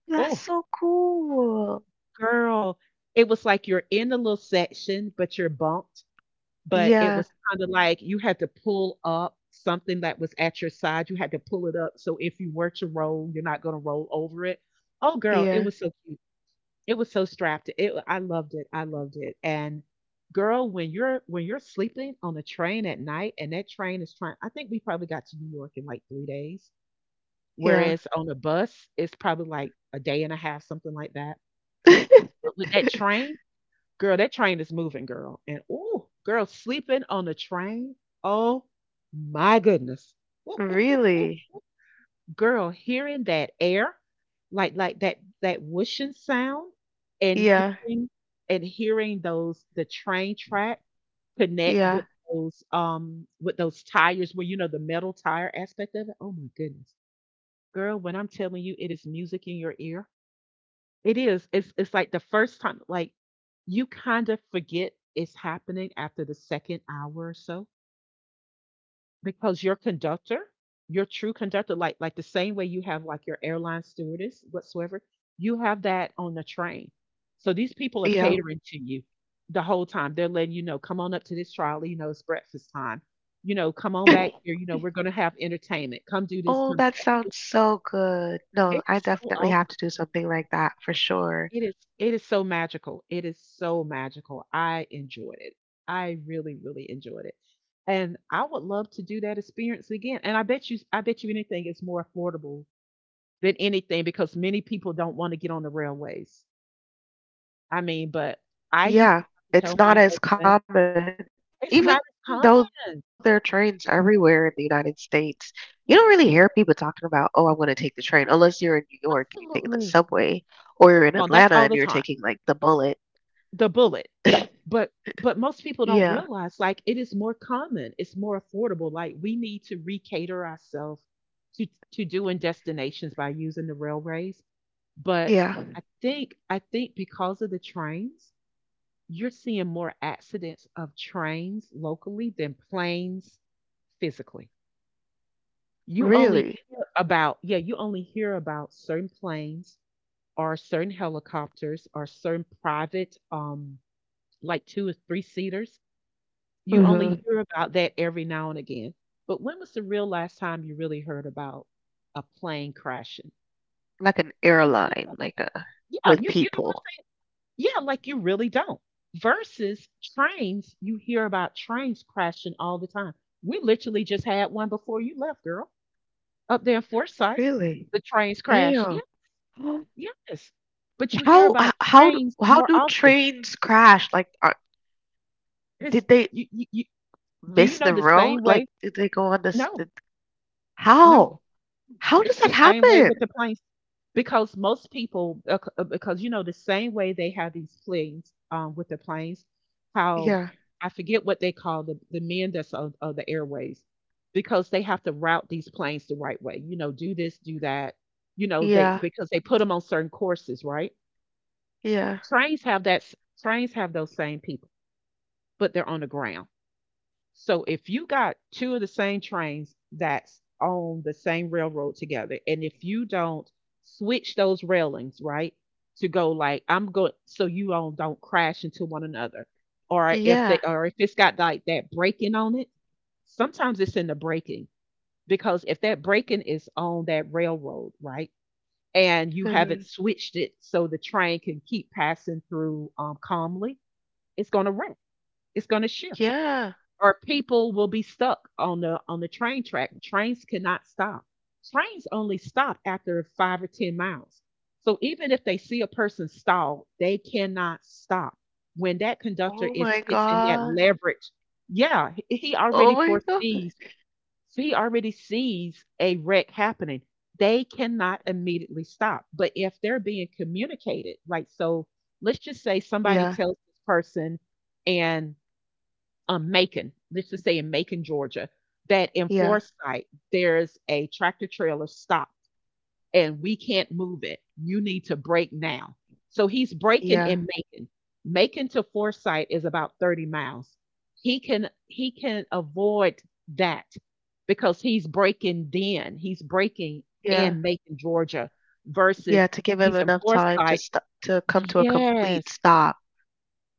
that's oh, so cool. girl, it was like you're in a little section but you're bumped. But it Yeah, was kinda like you had to pull up something that was at your side, you had to pull it up, so if you were to roll, you're not gonna roll over it. Oh, girl, it yeah, was so cute. It was so strapped. It, I loved it, I loved it. And girl, when you're sleeping on a train at night and that train is trying, I think we probably got to New York in, like, 3 days, yeah. whereas on a bus, it's probably, like, a day and a half, something like that. But with that train, girl, that train is moving, girl. And ooh, girl, sleeping on the train. Oh my goodness. Really? Girl, hearing that air, like that whooshing sound, and Yeah, hearing, and hearing those, the train track connect yeah, with those tires, where you know the metal tire aspect of it. Oh my goodness. Girl, when I'm telling you, it is music in your ear, it is. It's like the first time, like you kind of forget it's happening after the second hour or so, because your conductor, your true conductor, like the same way you have like your airline stewardess whatsoever, you have that on the train. So these people are yeah. catering to you the whole time. They're letting you know, come on up to this trolley, you know, it's breakfast time. You know, come on back here. You know, we're gonna have entertainment. Come do this, Oh, come do that sounds so good. that. It No, I is so definitely awesome. have to do something like that for sure. It is so magical. It is so magical. I enjoyed it. I really, really enjoyed it. And I would love to do that experience again. And I bet you anything is more affordable than anything, because many people don't want to get on the railways. I mean, but I used Yeah, to it's tell not my as husband, common. Even though there are it's not trains as everywhere in the common. United States, you don't really hear people talking about, oh, I'm going to take the train, unless you're in New York and you're taking the subway, or you're in Absolutely. Atlanta and you're taking like Come the on, that's all bullet. the time. The bullet. but Yeah, but most people don't realize, like, it is more common, it's more affordable. Like, we need to recater ourselves to doing destinations by using the railways. But yeah, I think because of the trains, you're seeing more accidents of trains locally than planes, physically. You only really. hear about, yeah, you only hear about certain planes or certain helicopters or certain private like 2 or 3 seaters. You only Hmm. hear about that every now and again. But when was the real last time you really heard about a plane crashing? Like, an You really airline, don't. like, a Yeah, with you know what I'm people. saying? Yeah, like you really don't. Versus trains, you hear about trains crashing all the time. We literally just had one before you left, girl, up there in Forsyth. Really? The trains crash. Yeah, Damn. yes. But you hear How about h- how d- trains how more do often. trains crash? Like, are, It's did they you do you miss know the the road? same Like, way? did they go on this? No, Did, no. how? How does It's the that same way with happen? the planes. Because most people because you know the same way they have these planes with the planes, how Yeah, I forget what they call the men that's of the airways, because they have to route these planes the right way, you know, do this, do that. You know they, yeah, because they put them on certain courses, right. yeah, Trains have trains have those same people, but they're on the ground. So if you got two of the same trains that's on the same railroad together, and if you don't switch those railings, right, to go like I'm going, so you all don't crash into one another, yeah, or if it's got like that braking on it, sometimes it's in the braking. Because if that braking is on that railroad, right, and you haven't mhm, switched it so the train can keep passing through calmly, it's going to wreck. It's going to shift, yeah. or people will be stuck on the train track. Trains cannot stop. Trains only stop after 5 or 10 miles. So even if they see a person stall, they cannot stop. When that conductor Oh my is hitting that god. leverage, yeah, he Oh already my god. foresees, he already sees a wreck happening. They cannot immediately stop. But if they're being communicated, like, so let's just say somebody Yeah, tells this person, and Macon, let's just say, in Macon, Georgia, that in yeah, Forsyth there's a tractor trailer stopped and we can't move it. You need to brake now. So he's braking yeah, in Macon. Macon to Forsyth is about 30 miles. He can avoid that because he's braking then. He's braking yeah, in Macon, Georgia, yeah. versus To give him he's in enough time to Forsyth. stop, to come to a complete Yes. stop.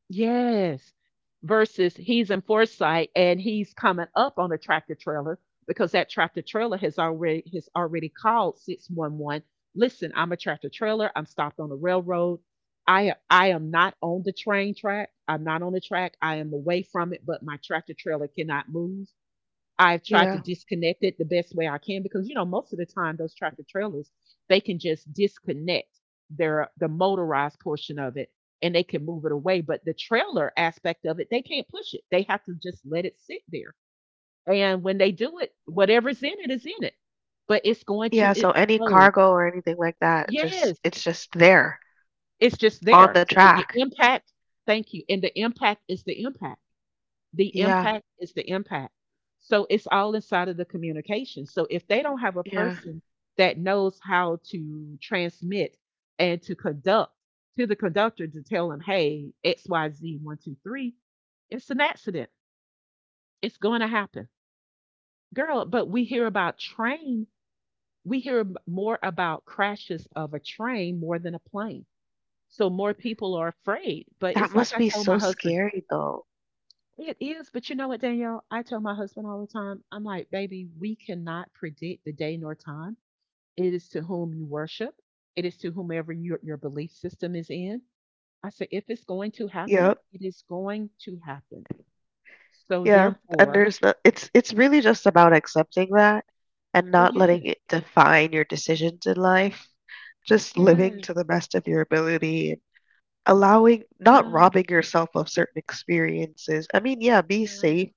Yes. Versus he's in Foresight and he's coming up on a tractor trailer, because that tractor trailer has already called 611. Listen, I'm a tractor trailer. I'm stopped on the railroad. I am not on the train track. I'm not on the track. I am away from it, but my tractor trailer cannot move. I've tried to Yeah, disconnect it the best way I can because you know most of the time those tractor trailers they can just disconnect the motorized portion of it and they can move it away, but the trailer aspect of it they can't push it, they have to just let it sit there. And when they do it, whatever's in it is in it, but it's going to yeah. So any explode. cargo or anything like that, just Yes, it's just there it's just on there, the so the track. impact, thank you, and the impact is the impact. The Yeah, impact is the impact. So it's all inside of the communication. So if they don't have a yeah. person that knows how to transmit and to conduct to the conductor to tell them, hey, XYZ123, it's an accident. It's going to happen. Girl, but we hear about train, we hear ab- more about crashes of a train more than a plane. So more people are afraid. But That it's like must I be told my so husband, scary though. it is, but you know what, Danielle? I tell my husband all the time, I'm like, baby, we cannot predict the day nor time. It is to whom you worship, it is to whomever your belief system is in. I say, if it's going to happen, Yep. it is going to happen. So Yeah, and therefore, there's not, it's it's really just about accepting that and it is. not letting Yes. it define your decisions in life. Just living Yeah. to the best of your ability and allowing, not Yeah. robbing yourself of certain experiences. I mean, yeah, be Yeah. safe,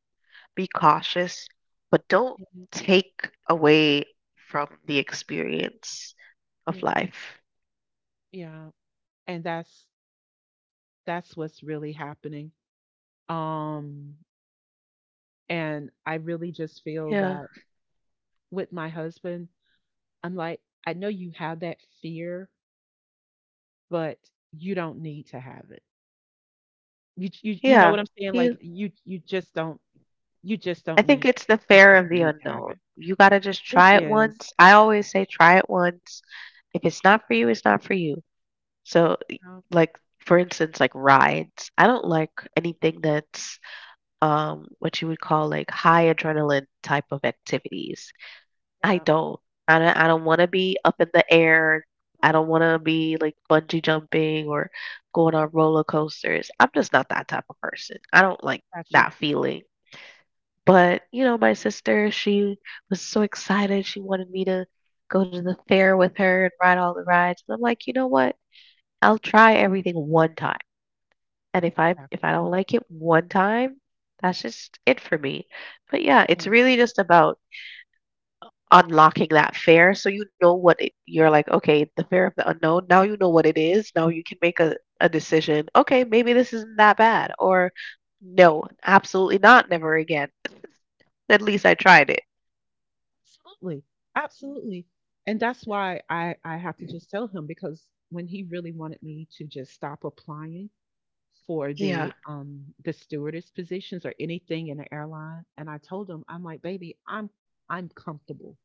be cautious, but don't take away from the experience of Yeah. life. Yeah. And that's what's really happening. Um, and I really just feel Yeah. that with my husband, I'm like, I know you have that fear, but you don't need to have it. You know what Yeah. I'm saying? Like You you just don't you just I don't think need it's the you fear just of don't the need to have unknown. it. You gotta just It try it is. once. I always say try it once. If it's not for you, it's not for you. So, Oh, like, for instance, like, rides. I don't like anything that's what you would call like high adrenaline type of activities. I yeah, don't. I don't. I don't want to be up in the air. I don't want to be like bungee jumping or going on roller coasters. I'm just not that type of person. I don't like got you. that feeling. But, you know, my sister, she was so excited. She wanted me to go to the fair with her and ride all the rides. And I'm like, "You know what? I'll try everything one time. And Yeah, if I don't like it one time, that's just it for me." But yeah, it's yeah, really just about unlocking that fair so you know what it, you're like, "Okay, the fair of the unknown. Now you know what it is. Now you can make a decision. Okay, maybe this isn't that bad." Or no, absolutely not, never again. At least I tried it. absolutely, absolutely. And that's why I have to just tell him because when he really wanted me to just stop applying for Yeah. the the stewardess positions or anything in the airline, and I told him I'm like, baby, I'm comfortable.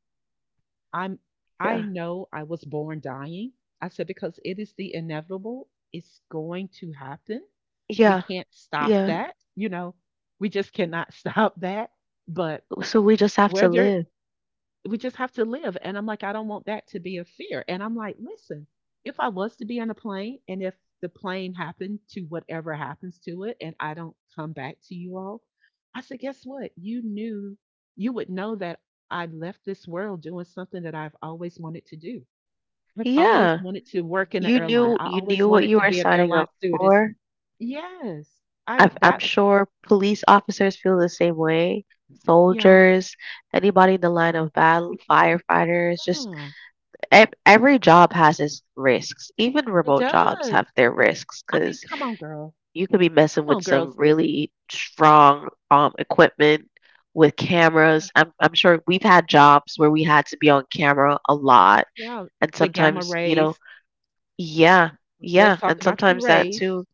I'm I Yeah. know I was born dying. I said because it is the inevitable. It's going to happen. We Yeah, can't stop yeah. that, you know. We just cannot stop that. But So we just have to whether live. we just have to live. And I'm like, I don't want that to be a fear. And I'm like, listen, if I was to be on a plane and if the plane happened to whatever happens to it and I don't come back to you all, I said, guess what? You knew, you would know that I left this world doing something that I've always wanted to do. I've always Yeah, wanted to work in an you airline. knew, I you always knew what wanted you to were be an signing airline up stewardess. for. Yes. I, I'm that, sure police officers feel the same way. yeah, Soldiers, anybody in the line of battle, firefighters, just yeah, ev every job has its risks. Even it remote jobs does. have their risks I mean, because come on, girl. you could be messing Come with on, some girls. really strong equipment with cameras. I'm sure we've had jobs where we had to be on camera a lot. Yeah, And the gamma sometimes, you know, rays. yeah, Let's yeah, talk and about the sometimes that rays too,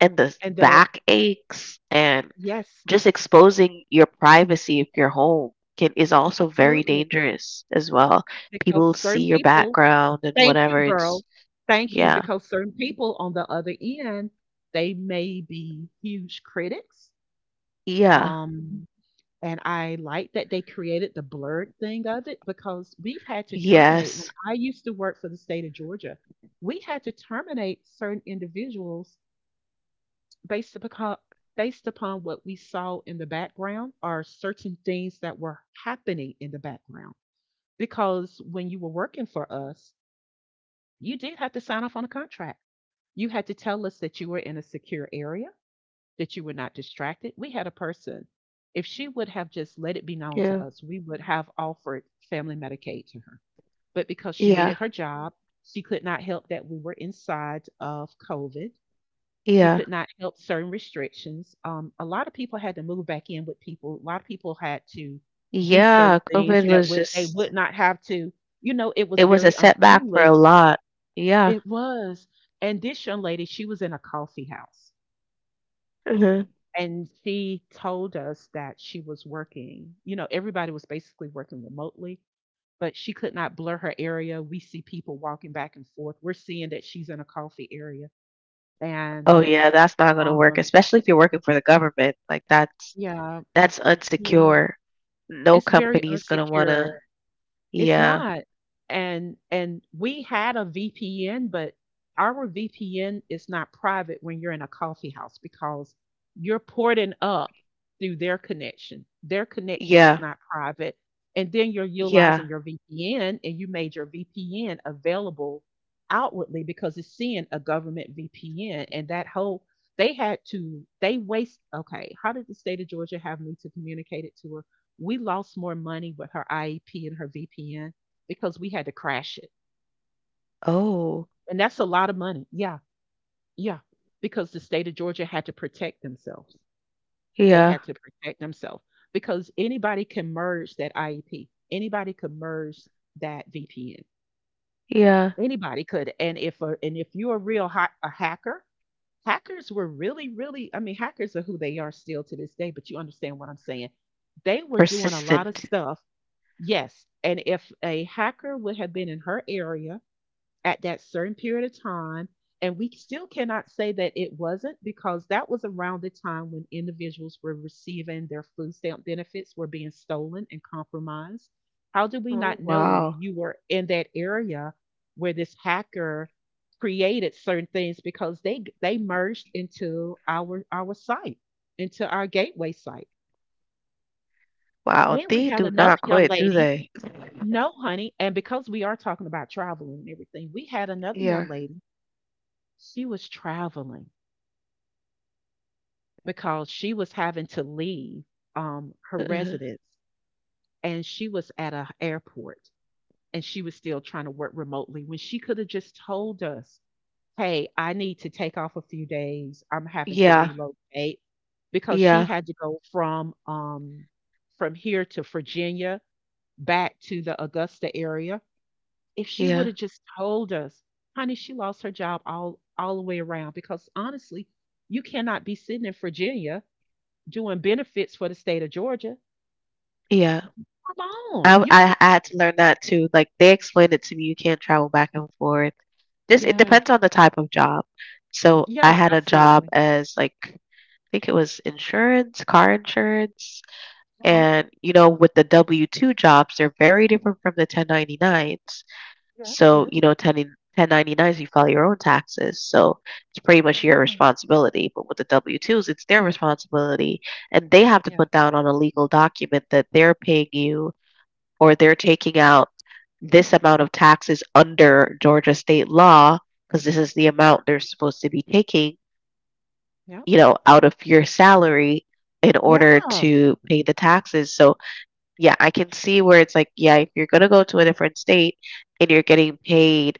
and the and the back aches and yes, just exposing your privacy if you're home can is also very absolutely. dangerous as well. Because People see certain your people, background and thank you, whatever. girl. It's Thank you. yeah, Because certain people on the other end, they may be huge critics. yeah, Um, and I like that they created the blurred thing of it because we've had to terminate. When yes, I used to work for the state of Georgia, we had to terminate certain individuals based upon based upon what we saw in the background are certain things that were happening in the background, because when you were working for us you did have to sign off on a contract, you had to tell us that you were in a secure area, that you were not distracted. We had a person, if she would have just let it be known to yeah, us, we would have offered family Medicaid to her, but because she yeah, needed her job, she could not help that we were inside of COVID, she yeah, could not help certain restrictions. A lot of people had to move back in with people. A lot of people had to do yeah. certain things COVID that was would they just, would not have to. You know, it it was was a very setback for unfriendly. a lot. Yeah. It was. And this young lady, she was in a coffee house. Hmm. And she told us that she was working. You know, everybody was basically working remotely, but she could not blur her area. We see people walking back and forth. We're seeing that she's in a coffee area. Oh And yeah, that's not gonna work, um, especially if you're working for the government. Like, that's yeah, That's yeah. unsecure. No It's very company's gonna unsecure. wanna It's yeah. not. And we had a VPN, but our VPN is not private when you're in a coffee house because you're porting up through their connection. Their connection is Yeah. not private. And then you're Yeah. utilizing your VPN and you made your VPN available outwardly because it's seeing a government VPN and that whole they had to they waste. Okay, how did the state of Georgia have me to communicate it to her? We lost more money with her IEP and her VPN because we had to crash it. Oh, And that's a lot of money. Yeah, yeah. Because the state of Georgia had to protect themselves. They yeah. had to protect themselves because anybody can merge that IEP. Anybody could merge that VPN. Yeah. Anybody could. And if you're a a hacker, hackers were really, really. I mean, hackers are who they are still to this day. But you understand what I'm saying? They were doing a lot of Persistent. stuff. Yes, and if a hacker would have been in her area at that certain period of time, and we still cannot say that it wasn't, because that was around the time when individuals were receiving their food stamp benefits were being stolen and compromised. How do we Oh, not know wow. you were in that area where this hacker created certain things because they merged into our site, into our gateway site. Wow, And we they had do another not young quit, do lady. they? No, honey. And because we are talking about traveling and everything, we had another young Yeah. lady. She was traveling because she was having to leave her Mhm. residence, and she was at a airport, and she was still trying to work remotely when she could have just told us, hey, I need to take off a few days. I'm having to Yeah. relocate because she Yeah. had to go from here to Virginia back to the Augusta area. If she would Yeah. have just told us, honey, she lost her job all the way around because honestly, you cannot be sitting in Virginia doing benefits for the state of Georgia. Yeah. Come on. I You can. I I had to learn that too. Like they explained it to me, you can't travel back and forth. This it Yes. depends on the type of job. So I Yeah, had a job absolutely. as like I think it was insurance, car insurance. Uh-huh. And, you know, with the W-2 jobs, they're very different from the 1099s. Yes, So, yes. you know, 1099s, you file your own taxes. So it's pretty much your Yeah. responsibility. But with the W-2s, it's their responsibility. And they have to Yeah. put down on a legal document that they're paying you or they're taking out this amount of taxes under Georgia state law, because this is the amount they're supposed to be taking, Yep. you know, out of your salary in order Yeah. to pay the taxes. So yeah, I can see where it's like, yeah, if you're gonna go to a different state and you're getting paid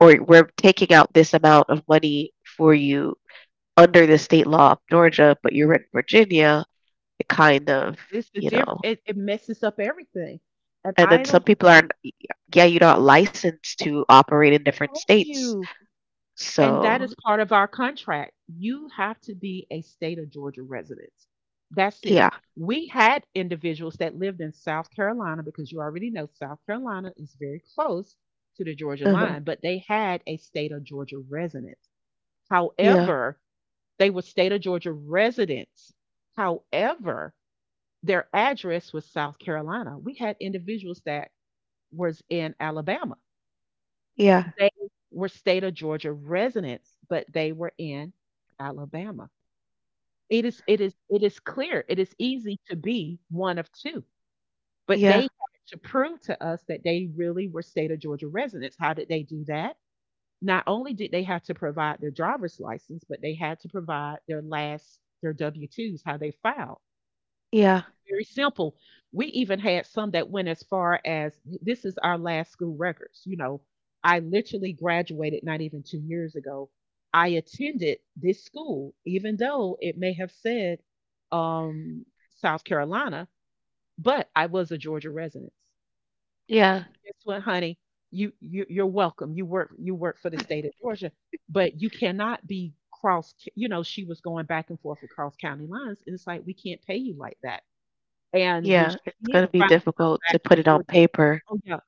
or we're taking out this amount of money for you under the state law of Georgia, but you're in Virginia, it kind of, It's the you diff know. it, it messes up everything. And And then I some don't people aren't, think, yeah, you're not licensed to operate in different thank states. you. And that So, is part of our contract. You have to be a state of Georgia resident. That's it. yeah. We had individuals that lived in South Carolina, because you already know South Carolina is very close to the Georgia Uh-huh. line, but they had a state of Georgia resident. Yeah. However, they were state of Georgia residents. However, their address was South Carolina. We had individuals that was in Alabama, Yeah. they were state of Georgia residents, but they were in Alabama. It is clear, it is easy to be one of 2, but they Yeah. had to prove to us that they really were state of Georgia residents. How did they do that? Not only did they have to provide their driver's license, but they had to provide their last their W-2s, how they filed, Yeah. very simple. We even had some that went as far as this is our last school records. You know, I literally graduated not even 2 years ago. I attended this school, even though it may have said um, South Carolina, but I was a Georgia resident. Yeah. Guess what, honey? You, you're welcome. You work for the state of Georgia, but you cannot be cross. You know, she was going back and forth across county lines, and it's like we can't pay you like that. And when Yeah. she It's did gonna be finally come difficult back to put to it on Georgia, paper. oh, yeah,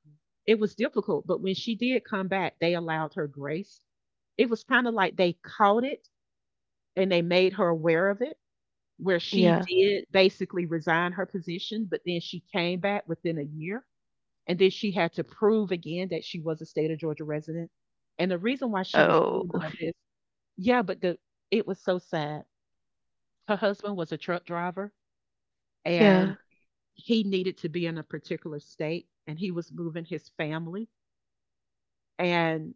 it was difficult, but when she did come back, they allowed her grace. It was kinda like they caught it and they made her aware of it, where she Yeah. did basically resign her position, but then she came back within a year, and then she had to prove again that she was a state of Georgia resident. And the reason why she was doing Oh. all this, yeah, but the it was so sad. Her husband was a truck driver, and Yeah. he needed to be in a particular state and he was moving his family. And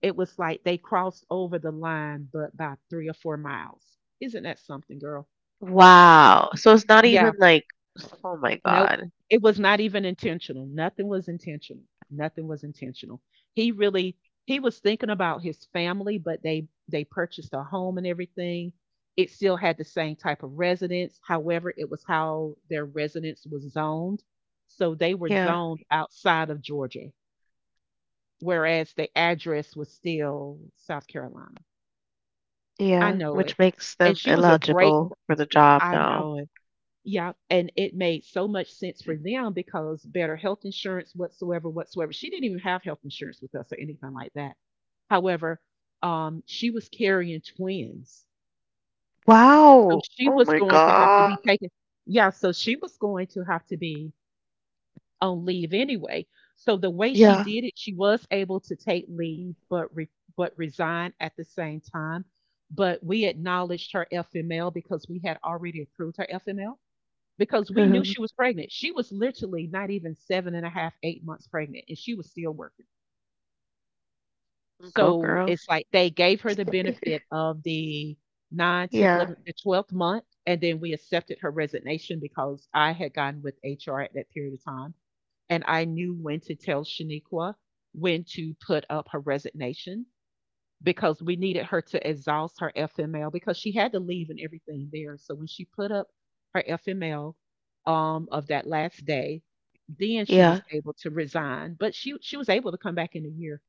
it was like they crossed over the line, but by 3 or 4 miles. Isn't that something, girl? Wow. So it's not Yeah. even like, oh my Nope. God. It was not even intentional. Nothing was intentional. Nothing was intentional. He really he was thinking about his family, but they purchased a home and everything. It still had the same type of residence. However, it was how their residence was zoned. So they were Yeah. zoned outside of Georgia. Whereas the address was still South Carolina. I Yeah. know Which it. makes And them she was a great eligible for the job I now. know it. Yeah, and it made so much sense for them because better health insurance whatsoever, whatsoever. She didn't even have health insurance with us or anything like that. However, she was carrying twins. So Wow. she Oh was my going to have to be God. taken, yeah, so she was going to have to be on leave anyway. So the way she Yeah. did it, she was able to take leave but but resign at the same time. But we acknowledged her FML because we had already approved her FML because we knew Mhm. she was pregnant. She was literally not even seven and a half, 8 months pregnant, and she was still working. Go So girl. it's like they gave her the benefit of the 9, 10, Yeah. 11, the 12th month. And then we accepted her resignation because I had gotten with HR at that period of time, and I knew when to tell Shaniqua when to put up her resignation because we needed her to exhaust her FML because she had to leave and everything there. So when she put up her FML, of that last day, then she was Yeah. able to resign. But she was able to come back in a year.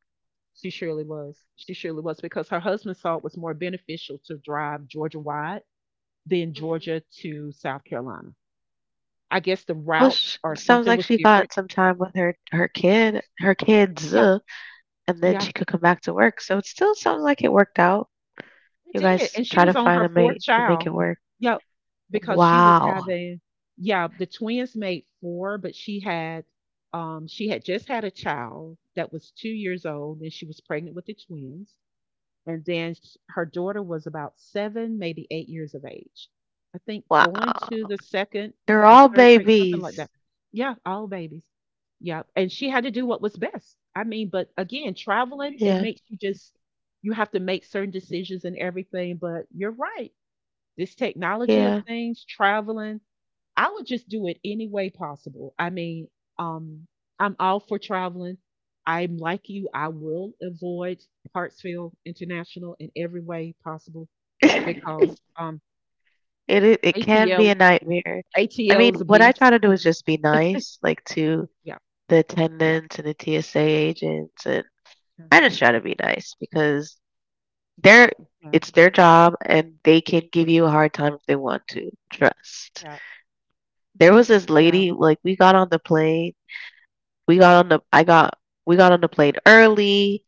She surely was. She surely was because her husband saw it was more beneficial to drive Georgia wide than Mhm. Georgia to South Carolina. I guess the Well, routes sh or sounds something like was she different. got some time with her her kids, Yeah, and then yeah. she could come back to work. So it still sounds like it worked out. We You did, guys and she try was to on find her a fourth mate and make it child. work. Yep, because she was Wow. having, yeah, the twins made four, but she had just had a child that was 2 years old, and she was pregnant with the twins. And then sh her daughter was about 7, maybe 8 years of age. I think going to Wow. the 2nd They're or all 3rd grade, something like that. babies. Yeah, all babies. Yeah, and she had to do what was best. I mean, but again, traveling, it Yeah. makes you have to make certain decisions and everything, but you're right. This technology of Yeah. things, traveling, I would just do it any way possible. I mean, um, I'm all for traveling. I'm like you. I will avoid Hartsfield International in every way possible because It can be ATL a nightmare. I ATL mean, is a what I beast. try to do is just be nice, like, to Yeah, the yeah, attendants and the TSA agents, and yeah, I just try to be nice because they're yeah, it's their job, and they can give you a hard time if they want to. Trust. yeah, There was this yeah. lady, like, we got on the plane. We got on the I got we got on the plane early.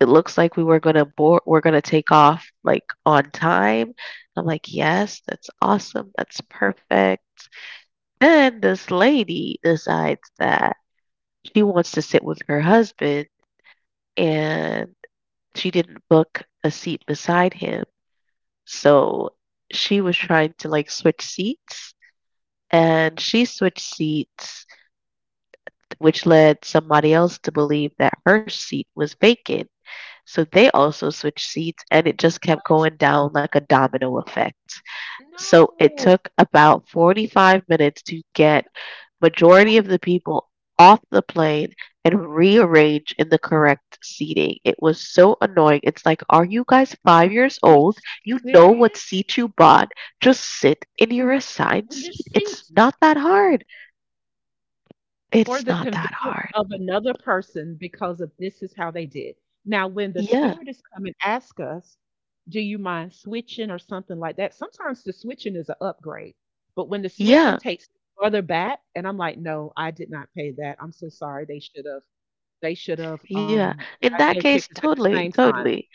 It looks like we were gonna board we're gonna take off like on time. I'm like, yes, that's awesome, that's perfect. Then this lady decides that she wants to sit with her husband and she didn't book a seat beside him. So she was trying to like switch seats and she switched seats, which led somebody else to believe that her seat was vacant. So they also switched seats and it just kept What? going down like a domino effect. So it No, took about 45 minutes to get majority of the people off the plane and rearrange in the correct seating. It was so annoying. It's like, are you guys 5 years are you old? You know what serious? seat you bought. Just sit in your assigned And there's seat. It's seats not that hard. for It's the not convenience that hard. of another person because of this is how they did. Now, when the Yeah. stewardess come and ask us, do you mind switching or something like that? Sometimes the switching is an upgrade, but when the switching Yeah. takes me further back, and I'm like, no, I did not pay that. I'm so sorry. They should have. They should have Yeah. um In got that their case, tickets at the totally, same time. totally.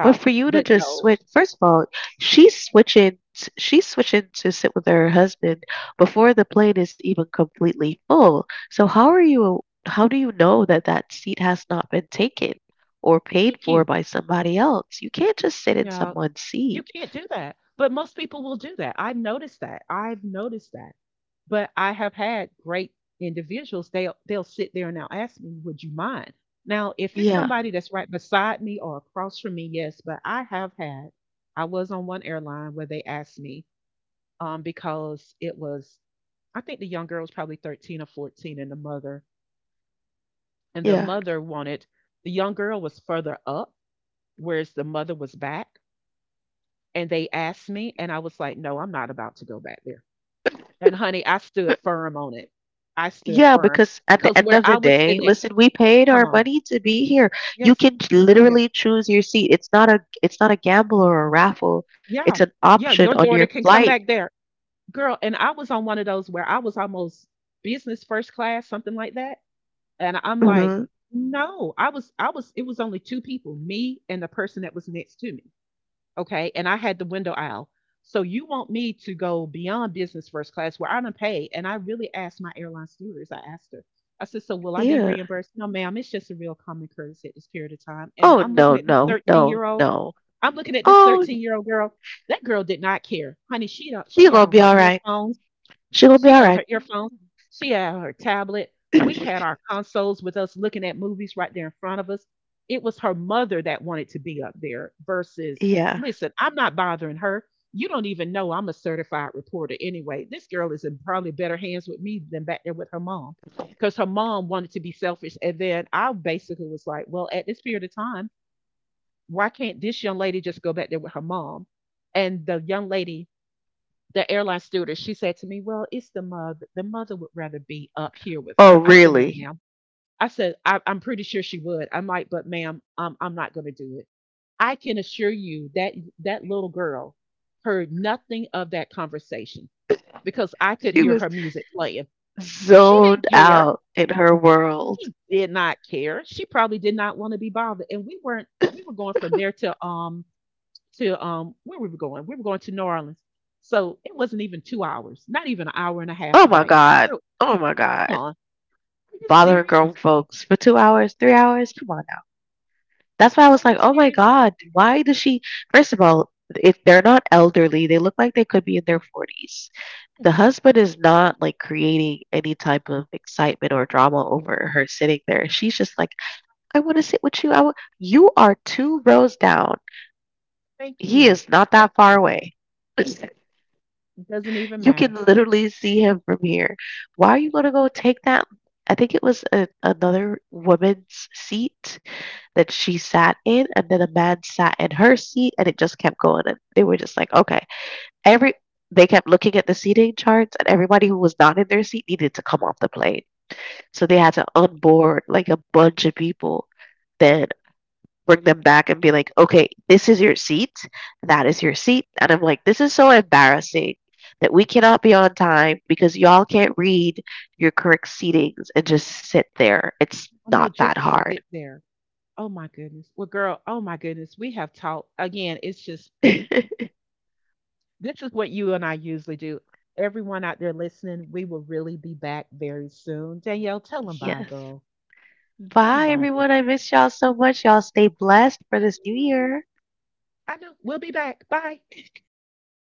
But for you to but just no, switch, first of all, She's switching to sit with her husband before the plane is even completely full. So how are you? How do you know that that seat has not been taken or paid thank for you. by somebody else? You can't just sit in Yeah, someone's you seat. can't do that. But most people will do that. I've noticed that. I've noticed that. But I have had great individuals, they'll sit there and they'll ask me, "Would you mind?" Now, if it's Yeah, somebody that's right beside me or across from me, yes, but I have had I was on one airline where they asked me, because it was, I think, the young girl was probably 13 or 14, and the mother and the yeah. mother wanted. The young girl was further up, whereas the mother was back, and they asked me, and I was like, "No, I'm not about to go back there." And honey, I stood firm on it. I stood Yeah, firm because at the because end where of I the was day, sitting at, listen, we paid come our on. money to be here. You Yes, can yes. literally choose your seat. It's not a gamble or a raffle. It's Yeah. an Yeah, option your on your daughter can come flight. back there. Girl, and I was on one of those where I was almost business first class, something like that. And I'm like, Mhm. no, I was it was only two people, me and the person that was next to me. Okay, and I had the window aisle. So you want me to go beyond business first class where I'm unpaid? And I really asked my airline stewardess, I asked her, I said, so will I be Yeah. reimbursed? No, ma'am, it's just a real common courtesy at this period of time. And Oh I'm looking no, at this no, 13 no, year old. no. I'm looking at this Oh, 13-year-old girl. That girl did not care. Honey, she don't, she she had gonna on be her all right. earphones. She gonna be She all had on right. her earphones, she had her tablet, we had our consoles with us looking at movies right there in front of us. It was her mother that wanted to be up there versus, yeah. "Listen, I'm not bothering her. You don't even know I'm a certified reporter anyway. This girl is in probably better hands with me than back there with her mom." Because her mom wanted to be selfish. And then I basically was like, well, at this period of time, why can't this young lady just go back there with her mom? And the young lady the airline stewardess, she said to me, "Well, it's the mother. The mother would rather be up here with Oh her." I said, "No, really? ma'am." I said, I'm pretty sure she would. I'm like, "But ma'am, I'm not going to do it. I can assure you that that little girl heard nothing of that conversation because I could She hear was her music playing." She didn't zoned care. out in her world. She did not care. She probably did not want to be bothered. And we weren't, we were going from there to where we were going. We were going to New Orleans. So it wasn't even 2 hours, not even an hour and a half Oh my flight. god. Girl, Oh my come god. on. Are you Bothering grown serious? folks for 2 hours, 3 hours. Come on. That's why I Are was like, you "Oh my serious? god, why does she?" First of all, if they're not elderly, they look like they could be in their 40s. The Yes. husband is not like creating any type of excitement or drama over her sitting there. She's just like, "I want to sit with you. I wa You are 2 rows down. Thank He you. is not Thank that you. far away." It doesn't even You matter. can literally see him from here. Why are you going to go take that? I think it was another woman's seat that she sat in, and then a man sat in her seat, and it just kept going. And they were just like, okay, every they kept looking at the seating charts, and everybody who was not in their seat needed to come off the plane. So they Yeah. had to onboard like a bunch of people. Then bring them back and be like, okay, this is your seat, that is your seat. And I'm like, this is so embarrassing that we cannot be on time because y'all can't read your correct seatings and just sit there. It's Oh no, not that just hard. sit there. Oh my goodness. Well, girl, oh my goodness. We have talked again. It's just Yes. this is what you and I usually do. Everyone out there listening, we will really be back very soon. Danielle, tell them bye, girl. Tell them Bye, bye, girl. everyone. I miss y'all so much. Y'all stay blessed for this new No. year. I know. We'll be back. Bye. Bye.